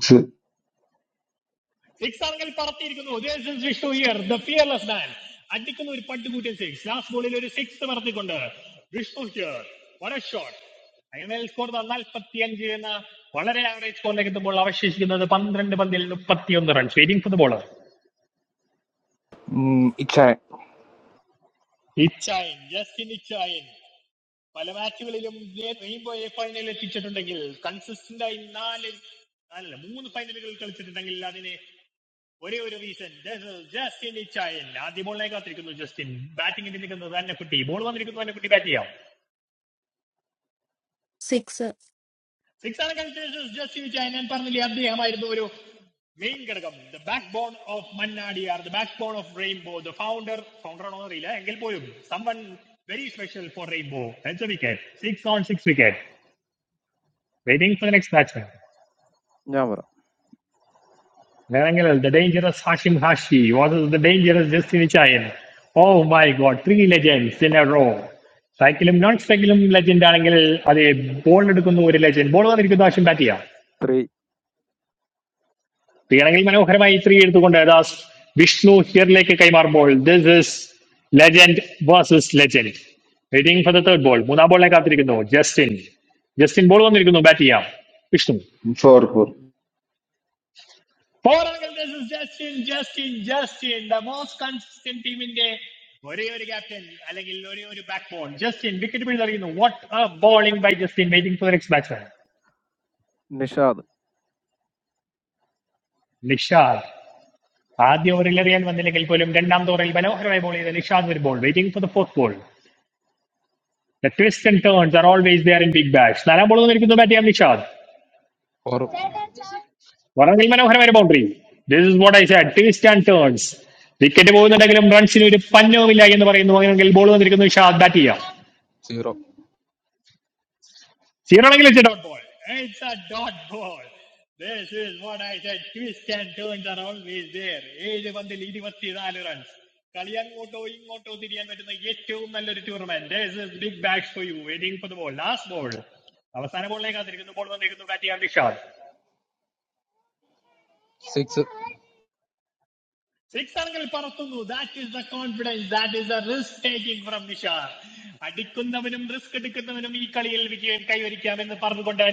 [SPEAKER 13] six,
[SPEAKER 1] സ്കോറിലേക്ക് എത്തുമ്പോൾ അവശേഷിക്കുന്നത് പന്ത്രണ്ട് പന്തിൽ മുപ്പത്തിയൊന്ന് runs waiting for the bowler
[SPEAKER 3] Hmm, it's a
[SPEAKER 19] six.
[SPEAKER 1] Six wicket waiting for the next batsman
[SPEAKER 9] Niambara.
[SPEAKER 1] Narangal, the dangerous Hashim Hashi versus the dangerous Destiny Child. Oh my god, three legends in a row. സൈക്കിളും non സൈക്കിളും legend ആണെങ്കിൽ അത് ball എടുക്കുന്ന ഒരു legend ball വന്നിരിക്കുന്ന ആശം bat ചെയ്യാം
[SPEAKER 9] Three.
[SPEAKER 1] വീണെങ്കിൽ മനോഹരമായി three എടുത്തുകൊണ്ട് ദാസ് വിഷ്ണു ഹിയറിലേക്ക് കൈമാറുമ്പോൾ this is legend versus legend waiting for the third ball മൂന്നാം ബോളിനെ കാത്തിരിക്കുന്നു ജസ്റ്റിൻ ജസ്റ്റിൻ ബോൾ വന്നിരിക്കുന്നു ബാറ്റ് ചെയ്യാം വിഷ്ണു
[SPEAKER 13] four, four.
[SPEAKER 1] പോരാളികൾ this is Justin Justin Justin the most consistent ടീമിന്റെ ഒരേ ഒരു ക്യാപ്റ്റൻ അല്ലെങ്കിൽ ഒരേ ഒരു ബാക്ക് ബോൾ ജസ്റ്റിൻ വിക്കറ്റ് പിഴുതെറിയുന്നു what A bowling by Justin waiting for next batsman
[SPEAKER 9] Nishaad.
[SPEAKER 1] Nishad ആദ്യ ഓവറിൽ എറിയാൻ വന്നില്ലെങ്കിൽ പോലും രണ്ടാം ഓവറിൽ മനോഹരമായി ബോൾ ചെയ്ത നിഷാദ് ഒരു ball waiting for the fourth ball the twist and turns are always there in Big Bash നാലാം ബോൾ നിൽക്കുന്നു ബാറ്റ് ചെയ്യാം നിഷാദ്
[SPEAKER 14] four
[SPEAKER 1] വളരെ മനോഹരമായ boundary this is what I said twist and turns wicket പോകുന്നുണ്ടെങ്കിലും റൺസിന് ഒരു പന്നവുമില്ല എന്ന് പറയുന്നു അങ്ങനെയെങ്കിൽ ബോൾ വന്നിരിക്കുന്നു നിഷാദ് ബാറ്റ് ചെയ്യാം
[SPEAKER 14] zero
[SPEAKER 1] സീറോ ആണെങ്കിൽ ഇറ്റ്സ് എ ഡോട്ട് കാറ്റിയാർ
[SPEAKER 14] six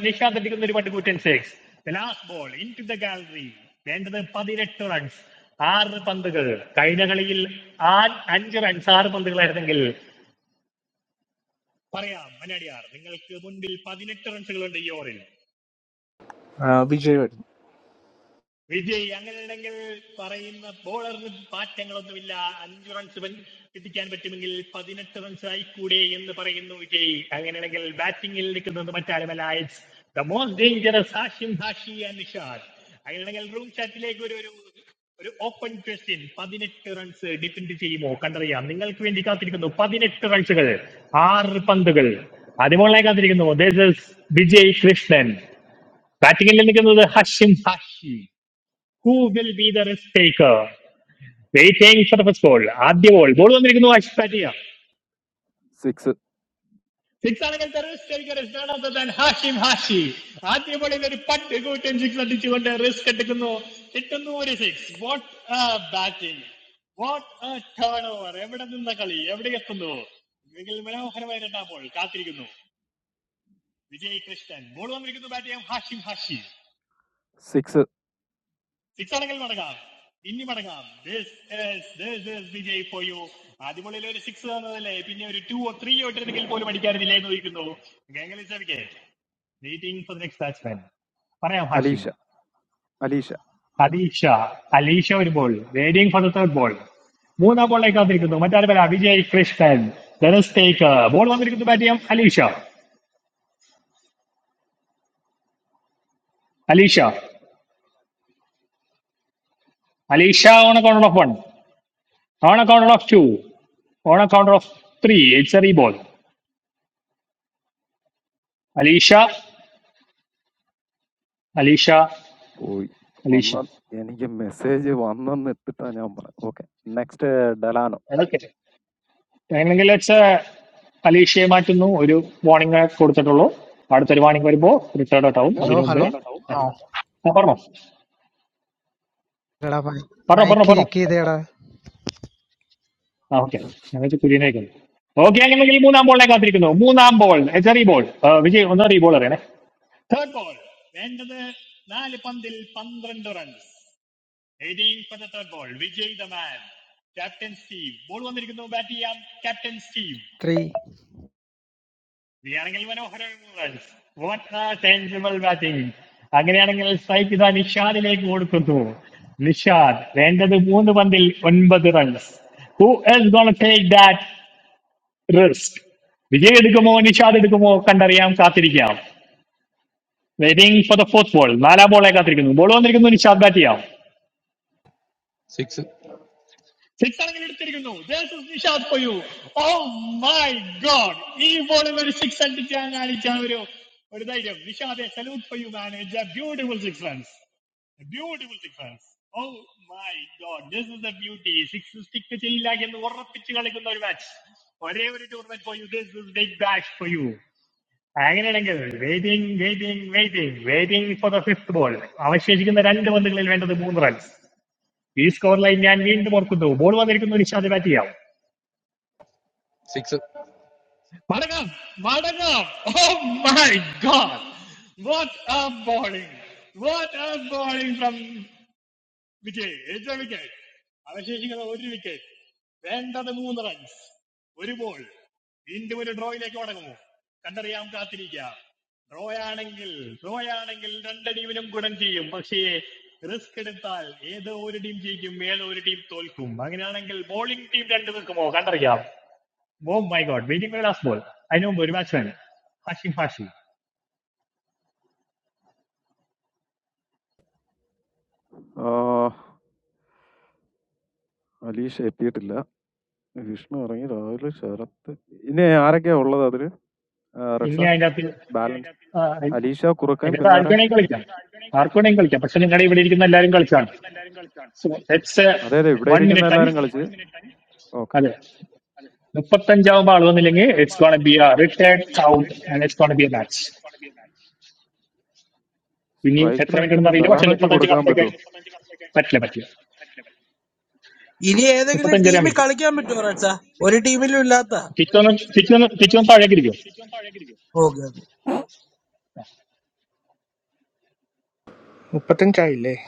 [SPEAKER 1] നിഷാദ് അടിക്കുന്ന ഒരു പണ്ട് കൂട്ടൻ സിക്സ്
[SPEAKER 3] Ah Vijay.
[SPEAKER 1] പതിനെട്ട് റൺസുകൾ ആറ് പന്തുകൾ അതിമോളായി കാത്തിരിക്കുന്നു This is വിജയ് കൃഷ്ണൻ ബാറ്റിംഗിൽ നിൽക്കുന്നത് Hashim who will be the risk taker waiting for the first ball ആദ്യ ബോൾ ബോൾ വന്നിരിക്കുന്നു ആശിഷ് ബാറ്റ് ചെയ്യാം
[SPEAKER 9] Six. Six. Alisha. Alisha.
[SPEAKER 1] അതീഷ അലീഷ ഒരു ball waiting for the third ball മൂന്നാം ബോളിലേക്ക് കാത്തിരിക്കുന്നു മറ്റാരും പേരാ വിജയ് കൃഷ്ണൻ ഡെനസ് ടേക്കർ ബോൾ വന്നിരിക്കുന്നു ബാറ്റ് ചെയ്യാം Alisha Alisha Alisha on counter of one on counter of two on counter of three it's a re ball Alisha Alisha
[SPEAKER 9] Oui.
[SPEAKER 1] Alisha
[SPEAKER 9] When I received the message, when I met with the next Dalan.
[SPEAKER 1] Okay, അങ്ങനെയെങ്കിൽ let's അലീഷയെ മാറ്റുന്നു ഒരു warning കൊടുത്തിട്ടുള്ളൂ അടുത്തൊരു warning വരുമ്പോൾ retired out ആവും അതിനു
[SPEAKER 20] Hello,
[SPEAKER 1] മുമ്പ്
[SPEAKER 20] hello. Oh,
[SPEAKER 1] ആ പറഞ്ഞോ
[SPEAKER 20] hello,
[SPEAKER 1] പറഞ്ഞോ
[SPEAKER 20] my
[SPEAKER 1] പറഞ്ഞോ
[SPEAKER 20] key,
[SPEAKER 1] പറഞ്ഞോ
[SPEAKER 20] key there,
[SPEAKER 1] ആ ഓക്കെ ഞങ്ങൾക്ക് കുര്യനായിരിക്കുന്നു ഓക്കെ അങ്ങനെയെങ്കിൽ മൂന്നാം ബോളിനെ കാത്തിരിക്കുന്നു മൂന്നാം ബോൾ എച്ചറി ബോൾ വിജയ് ഒന്ന് റീ ബോൾ അറിയണേ
[SPEAKER 20] three.
[SPEAKER 1] What a sensible batting. അങ്ങനെയാണെങ്കിൽ സ്ട്രൈക്ക് ഇതാ നിഷാദിലേക്ക് കൊടുക്കുന്നു നിഷാദ് വേണ്ടത് മൂന്ന് പന്തിൽ ഒൻപത് runs who is gonna take that risk Vijay എടുക്കുമോ നിഷാദ് എടുക്കുമോ കണ്ടറിയാം കാത്തിരിക്കാം waiting for the fourth ball നാലാം ബോളെ കാത്തിരിക്കുന്നു ബോൾ വന്നിരിക്കുന്നു ഇനി ഷാർട്ട് ബാറ്റ് ചെയ്യാം
[SPEAKER 14] six
[SPEAKER 1] beautiful six oh my god this is the beauty six stick ചെയ്യില്ല എന്ന് ഉറപ്പിച്ച് കളിക്കുന്ന ഒരു മാച്ച് ഒരേ ഒരു tournament for you this is Big Bash for you അങ്ങനെയാണെങ്കിൽ waiting waiting waiting waiting for the fifth ball അവശേഷിക്കുന്ന രണ്ട് പന്തുകളിൽ വേണ്ടത് മൂന്ന് റൺസ് ഈ സ്കോർ ലൈൻ ഞാൻ വീണ്ടും ഓർക്കുന്നു ബോൾ വന്നിരിക്കുന്നു നിഷാദ് ബാറ്റ് ചെയ്യാം
[SPEAKER 14] six
[SPEAKER 1] ഓ കണ്ടറിയാം
[SPEAKER 9] Ah, Alicia, it's not like this. In the area, there are many people.
[SPEAKER 1] ഇനി
[SPEAKER 9] Ratsa
[SPEAKER 1] അതിന്റെ അകത്ത്
[SPEAKER 9] balance.
[SPEAKER 1] ആ, നി-
[SPEAKER 9] Alicia, how many
[SPEAKER 1] നിങ്ങളുടെ
[SPEAKER 9] people are
[SPEAKER 1] ആർക്ക് വേണമെങ്കിൽ കളിക്കാം ആർക്ക് വേണമെങ്കിൽ കളിക്കാം പക്ഷെ നിങ്ങളുടെ ഇവിടെ ഇരിക്കുന്ന എല്ലാവരും കളിച്ചാണ് so it's
[SPEAKER 9] there? That is why
[SPEAKER 1] one
[SPEAKER 9] people
[SPEAKER 1] minute time
[SPEAKER 9] are there. Okay.
[SPEAKER 1] അതെ മുപ്പത്തഞ്ചാവുമ്പോ ആൾ വന്നില്ലെങ്കിൽ it's gonna be a retired count and it's gonna be a match ഇനി
[SPEAKER 9] Strike.
[SPEAKER 1] എത്ര മിനിറ്റ്
[SPEAKER 9] Let me
[SPEAKER 1] ഉണ്ടെന്ന്
[SPEAKER 9] know.
[SPEAKER 1] അറിയില്ല
[SPEAKER 9] Dalan, how
[SPEAKER 1] പക്ഷെ
[SPEAKER 9] many people
[SPEAKER 1] മുപ്പത്തഞ്ച്
[SPEAKER 9] are
[SPEAKER 1] കടത്തേക്കാൻ
[SPEAKER 9] there?
[SPEAKER 1] പറ്റില്ല പറ്റില്ല
[SPEAKER 21] ഇനി ഏതെങ്കിലും
[SPEAKER 1] മുപ്പത്തഞ്ചര
[SPEAKER 21] ടീമിൽ
[SPEAKER 1] പറ്റും
[SPEAKER 21] കളിക്കാൻ പറ്റുമോ റെഡ്സാ? ഒരു ടീമിലും ഇല്ലാത്ത
[SPEAKER 1] തിരിച്ചൊന്ന് തിരിച്ചൊന്ന് തിരിച്ചൊന്ന് താഴേക്ക് ഇരിക്കും
[SPEAKER 21] okay
[SPEAKER 3] But I'm not interested.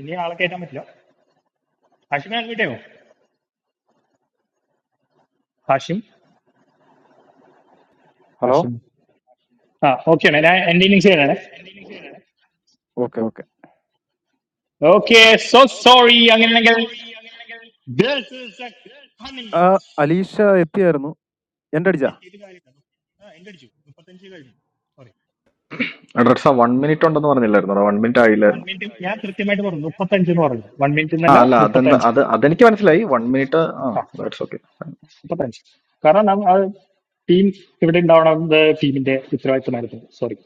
[SPEAKER 1] ഇനി ആളെ കയറ്റാൻ പറ്റില്ല ഹാഷിം ആൺവിട്ടയോ ഹാഷിം
[SPEAKER 9] Hello.
[SPEAKER 1] ഹാഷിം ആ okay ആണ് ഞാൻ എന്റെ ഇന്നിങ്സ് ചെയ്യണേ
[SPEAKER 9] Okay, okay.
[SPEAKER 1] Okay so sorry അങ്ങനെയാണെങ്കിൽ this
[SPEAKER 9] Ah, Alicia, it's here. No, I'm coming.
[SPEAKER 17] Adartha, one minute. On that, don't worry, little. Don't worry, one minute. Iyer.
[SPEAKER 1] One minute ഞാൻ കൃത്യമായിട്ട് പറഞ്ഞു മുപ്പത്തഞ്ച് എന്ന് പറഞ്ഞു വൺ മിനിറ്റ് എന്നല്ല
[SPEAKER 17] Ah, no, that, that,
[SPEAKER 1] മുപ്പത്തഞ്ച്
[SPEAKER 17] that. That is okay.
[SPEAKER 1] മുപ്പത്തഞ്ച് കാരണം നം- ആ ടീം ഇവിടെ ഉണ്ടാവണത് ടീമിന്റെ ഉത്തരവാദിത്തമായിരുന്നു sorry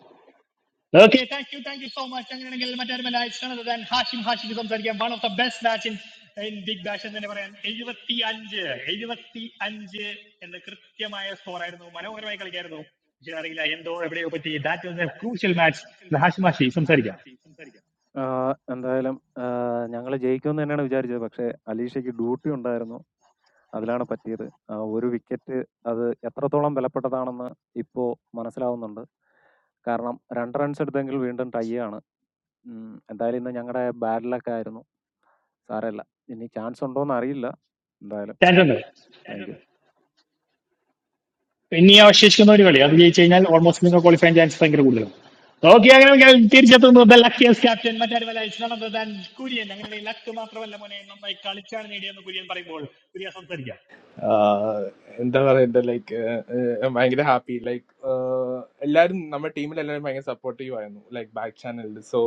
[SPEAKER 1] that was a crucial match Hashim ഹാഷി സംസാരിക്കാം
[SPEAKER 9] ആഹ് എന്തായാലും ആഹ് ഞങ്ങള് ജയിക്കുമെന്ന് തന്നെയാണ് വിചാരിച്ചത്. പക്ഷേ അലീഷയ്ക്ക് ഡ്യൂട്ടി ഉണ്ടായിരുന്നു. അതിലാണ് പറ്റിയത്. ആ ഒരു വിക്കറ്റ് അത് എത്രത്തോളം വിലപ്പെട്ടതാണെന്ന് ഇപ്പോ മനസ്സിലാവുന്നുണ്ട്. കാരണം 2 റൺസ് എടുത്തെങ്കിൽ വീണ്ടും ടൈ ആണ്. ഉം. എന്തായാലും ഇന്ന് ഞങ്ങടെ ബാഡ് ലക്ക് ആയിരുന്നു. സാരമില്ല. ഇനി ചാൻസ് ഉണ്ടോന്നറിയില്ല. എന്തായാലും
[SPEAKER 1] ചാൻസ്
[SPEAKER 9] നോക്കാം.
[SPEAKER 1] ഉണ്ട്
[SPEAKER 9] താങ്ക് യു.
[SPEAKER 1] ഇനി അവശേഷിക്കുന്ന ഒരു കളി അത് ജയിച്ചു കഴിഞ്ഞാൽ ഓൾമോസ്റ്റ് നിങ്ങൾ ക്വാളിഫൈ ചാൻസ് ഭയങ്കര കൂടുതലാണ് ഓക്കെ അങ്ങനെ തിരിച്ചെത്തുന്നത് ലക്കിയസ് ക്യാപ്റ്റൻ മറ്റാരുമല്ല ഇസ്ലാമത് താൻ കുര്യൻ അങ്ങനെ ലക്ക് മാത്രമല്ല മോനെ നന്നായി കളിച്ചാണ് നേടിയെന്ന് കുര്യൻ പറയുമ്പോൾ കുര്യൻ സംസാരിക്കാം
[SPEAKER 3] ആഹ് എന്താ പറയണ്ടേ ലൈക്ക് ഭയങ്കര ഹാപ്പി ലൈക്ക് എല്ലാരും നമ്മുടെ ടീമിൽ എല്ലാവരും ഭയങ്കര സപ്പോർട്ടീവ് ആയിരുന്നു ലൈക്ക് ബാക്ക് ചാനലിൽ സോ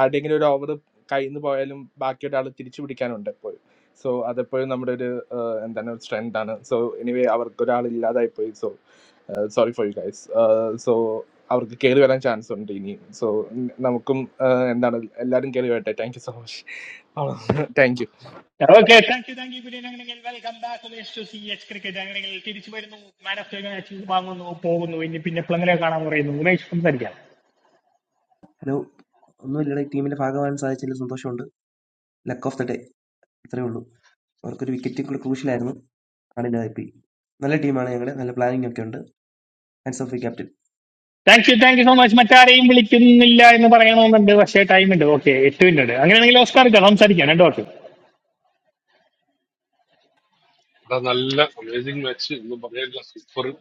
[SPEAKER 3] ആരുടെയെങ്കിലും ഒരു ഓവർ കയ്യിന്ന് പോയാലും ബാക്കി ഒരാൾ തിരിച്ചു പിടിക്കാനുണ്ട് എപ്പോഴും സോ അതെപ്പോഴും നമ്മുടെ ഒരു ആഹ് എന്താണ് ഒരു സ്ട്രെങ്ത് ആണ് സോ എനിവേ അവർക്ക് ഒരാൾ ഇല്ലാതായി പോയി so sorry for you guys so അവർക്ക് കയറി വരാൻ ചാൻസ് ഉണ്ട് ഇനിയും സോ നമുക്കും ആഹ് എന്താണ് എല്ലാവരും കയറി വരട്ടെ thank you so much thank you
[SPEAKER 1] okay thank you thank you Kurian അങ്ങനെയെങ്കിൽ welcome back Umesh to C H cricket അങ്ങനെയെങ്കിൽ തിരിച്ചു വരുന്നു മാൻ ഓഫ് ദ മാച്ച് വാങ്ങുന്നു പോകുന്നു ഇനി പിന്നെ പ്ലങ്ങനെ കാണാൻ പറയുന്നു ഉമേഷ് സംസാരിക്കാം
[SPEAKER 22] ഹലോ ഒന്നുമില്ലടാ ഈ ടീമിൻ്റെ ഭാഗമാകാൻ സാധിച്ചതിൽ സന്തോഷമുണ്ട് ലക്ക് ഓഫ് ദ ഡേ അത്രയേ ഉള്ളൂ അവർക്കൊരു വിക്കറ്റ് ക്രൂഷ്യലായിരുന്നു ആണ് ഇല്ലാതായിപ്പോയി നല്ല ടീമാണ് ഞങ്ങളുടെ നല്ല പ്ലാനിംഗ് ഒക്കെ ഉണ്ട് hands off the captain
[SPEAKER 1] thank you thank you so much മറ്റാരെയും വിളിക്കുന്നില്ല എന്ന് പറയണമെന്നുണ്ട് പക്ഷേ ടൈം ഉണ്ട് ഓക്കെ എട്ട് മിനിറ്റ് ഉണ്ട് അങ്ങനെയാണെങ്കിൽ ഓസ്കാർ സംസാരിക്കാം രണ്ടു വാക്ക്
[SPEAKER 10] ഇവിടെ നല്ല അമേസിംഗ് മാച്ച് ഒന്നും പറയാനില്ല സൂപ്പർ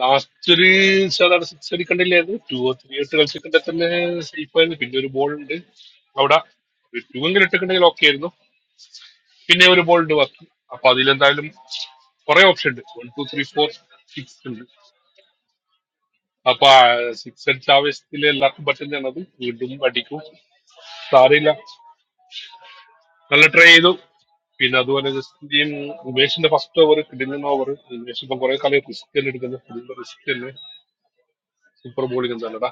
[SPEAKER 10] ലാസ്റ്റ് ഒരു സാധാരണ സിക്സ് അടിക്കണ്ടില്ലേ അത് ടു ഓർ ത്രീ ഇട്ട് കളിച്ചിട്ടുണ്ടെ തന്നെ സേഫ് ആയിരുന്നു പിന്നെ ഒരു ബോൾ ഉണ്ട് അവിടെ ഒരു ടു എങ്കിലും ഇട്ടിട്ടുണ്ടെങ്കിൽ ഓക്കെ ആയിരുന്നു പിന്നെ ഒരു ബോൾ ഉണ്ട് ബാക്കി അപ്പൊ അതിലെന്തായാലും കുറെ ഓപ്ഷൻ ഉണ്ട് one two three four six ഉണ്ട് അപ്പൊ സിക്സ് അടിച്ച ആവേശത്തിൽ എല്ലാവർക്കും പറ്റുന്നതാണ് അത് വീണ്ടും അടിക്കും സാരമില്ല നല്ല ട്രൈ ചെയ്തു പിന്നെ അതുപോലെ ജസ്റ്റിന്റെയും ഉമേഷിന്റെ ഫസ്റ്റ് ഓവർ കിടിലൻ ഓവർ ഉമേഷ് ഇപ്പൊ കുറെ കളി റിസ്ക് തന്നെ എടുക്കുന്നത് റിസ്ക് തന്നെ സൂപ്പർ ബോളിംഗ് എന്താണടാ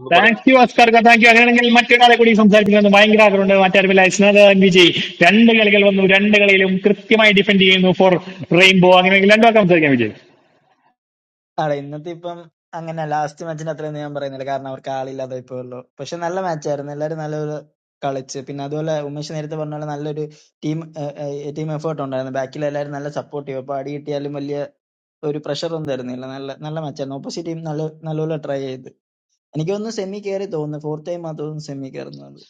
[SPEAKER 10] എന്ന്
[SPEAKER 1] താങ്ക്
[SPEAKER 10] പറയുന്നത്
[SPEAKER 1] യു അസ്കർക്ക് താങ്ക് യു അങ്ങനെയാണെങ്കിൽ മറ്റൊരാളെ കൂടി സംസാരിപ്പിക്കുന്നത് ഭയങ്കര ആഗ്രഹമുണ്ട് മറ്റാരുമില്ല വിശ്വനാഥൻ വിജയ് രണ്ട് കളികൾ വന്നു രണ്ട് കളിയിലും കൃത്യമായി ഡിഫെൻഡ് ചെയ്യുന്നു ഫോർ റെയിൻബോ അങ്ങനെയെങ്കിൽ രണ്ടു വാക്ക് സംസാരിക്കാം വിജയ്
[SPEAKER 8] ആട ഇന്നത്തെ ഇപ്പം അങ്ങനെ ലാസ്റ്റ് മാച്ചിന്റെ അത്രയൊന്നും ഞാൻ പറയുന്നില്ല. കാരണം അവർക്ക് ആളില്ലാതായി പോയല്ലോ. പക്ഷേ നല്ല മാച്ചായിരുന്നു. എല്ലാരും നല്ലപോലെ കളിച്ച്. പിന്നെ അതുപോലെ ഉമേഷ് നേരത്തെ പറഞ്ഞ പോലെ നല്ലൊരു ടീം ഏഹ് ഏഹ് ടീം എഫേർട്ട് ഉണ്ടായിരുന്നു. ബാക്കിൽ എല്ലാരും നല്ല സപ്പോർട്ടീവ്. അപ്പൊ അടി കിട്ടിയാലും വലിയ ഒരു pressure ഒന്നും തരുന്നില്ല. നല്ല നല്ല മാച്ചായിരുന്നു. ഓപ്പോസിറ്റ് ടീം നല്ല നല്ലപോലെ ട്രൈ ചെയ്ത്. എനിക്ക് തോന്നുന്നു സെമി കയറി തോന്നുന്നു. ഫോർത്ത് ടൈം ആ തോന്നുന്നു സെമി കയറുന്നത്.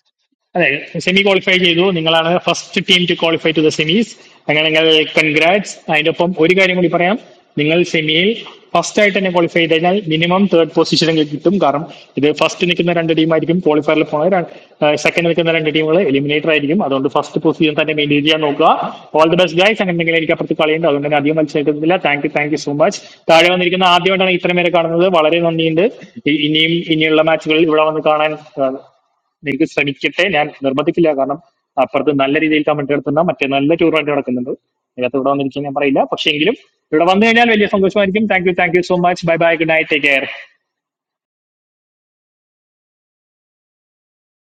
[SPEAKER 1] അതെ സെമി ക്വാളിഫൈ ചെയ്തു നിങ്ങളാണ് first team to qualify to the semis അങ്ങനെ നിങ്ങൾ കൺഗ്രാറ്റ്സ് അതിന്റെ ഒപ്പം ഒരു കാര്യം കൂടി പറയാം നിങ്ങൾ സെമിയിൽ ഫസ്റ്റ് ആയിട്ട് തന്നെ ക്വാളിഫൈ ചെയ്ത് കഴിഞ്ഞാൽ മിനിമം തേർഡ് പൊസിഷൻ കിട്ടും കാരണം ഇത് ഫസ്റ്റ് നിൽക്കുന്ന രണ്ട് ടീമായിരിക്കും ക്വാളിഫയറിൽ പോണത് സെക്കൻഡ് നിൽക്കുന്ന രണ്ട് ടീമുകൾ എലിമിനേറ്റർ ആയിരിക്കും അതുകൊണ്ട് ഫസ്റ്റ് പൊസിഷൻ തന്നെ മെയിൻറ്റെയിൻ ചെയ്യാൻ നോക്കുക ഓൾ ദി ബെസ്റ്റ് ഗൈസ് അങ്ങനെ എന്തെങ്കിലും എനിക്ക് അപ്പുറത്ത് കളിയുണ്ട് അതുകൊണ്ട് തന്നെ അധികം മത്സരിക്കുന്നില്ല thank you thank you so much താഴെ വന്നിരിക്കുന്ന ആദ്യമായിട്ടാണ് ഇത്രയും പേരെ കാണുന്നത് വളരെ നന്ദിയുണ്ട് ഇ- ഇനിയും ഇനിയുള്ള മാച്ചുകളിൽ ഇവിടെ വന്ന് കാണാൻ എനിക്ക് ശ്രമിക്കട്ടെ ഞാൻ നിർബന്ധിക്കില്ല കാരണം അപ്പുറത്ത് നല്ല രീതിയിൽ കമന്റ് നടത്തുന്ന മറ്റേ നല്ല ടൂർണമെന്റ് നടക്കുന്നുണ്ട് അതിനകത്ത് ഇവിടെ വന്നിരിക്കാൻ ഞാൻ പറയില്ല പക്ഷേ എങ്കിലും ഇവിടെ വന്നു കഴിഞ്ഞാൽ വലിയ സന്തോഷമായിരിക്കും thank you thank you so much bye bye good night take care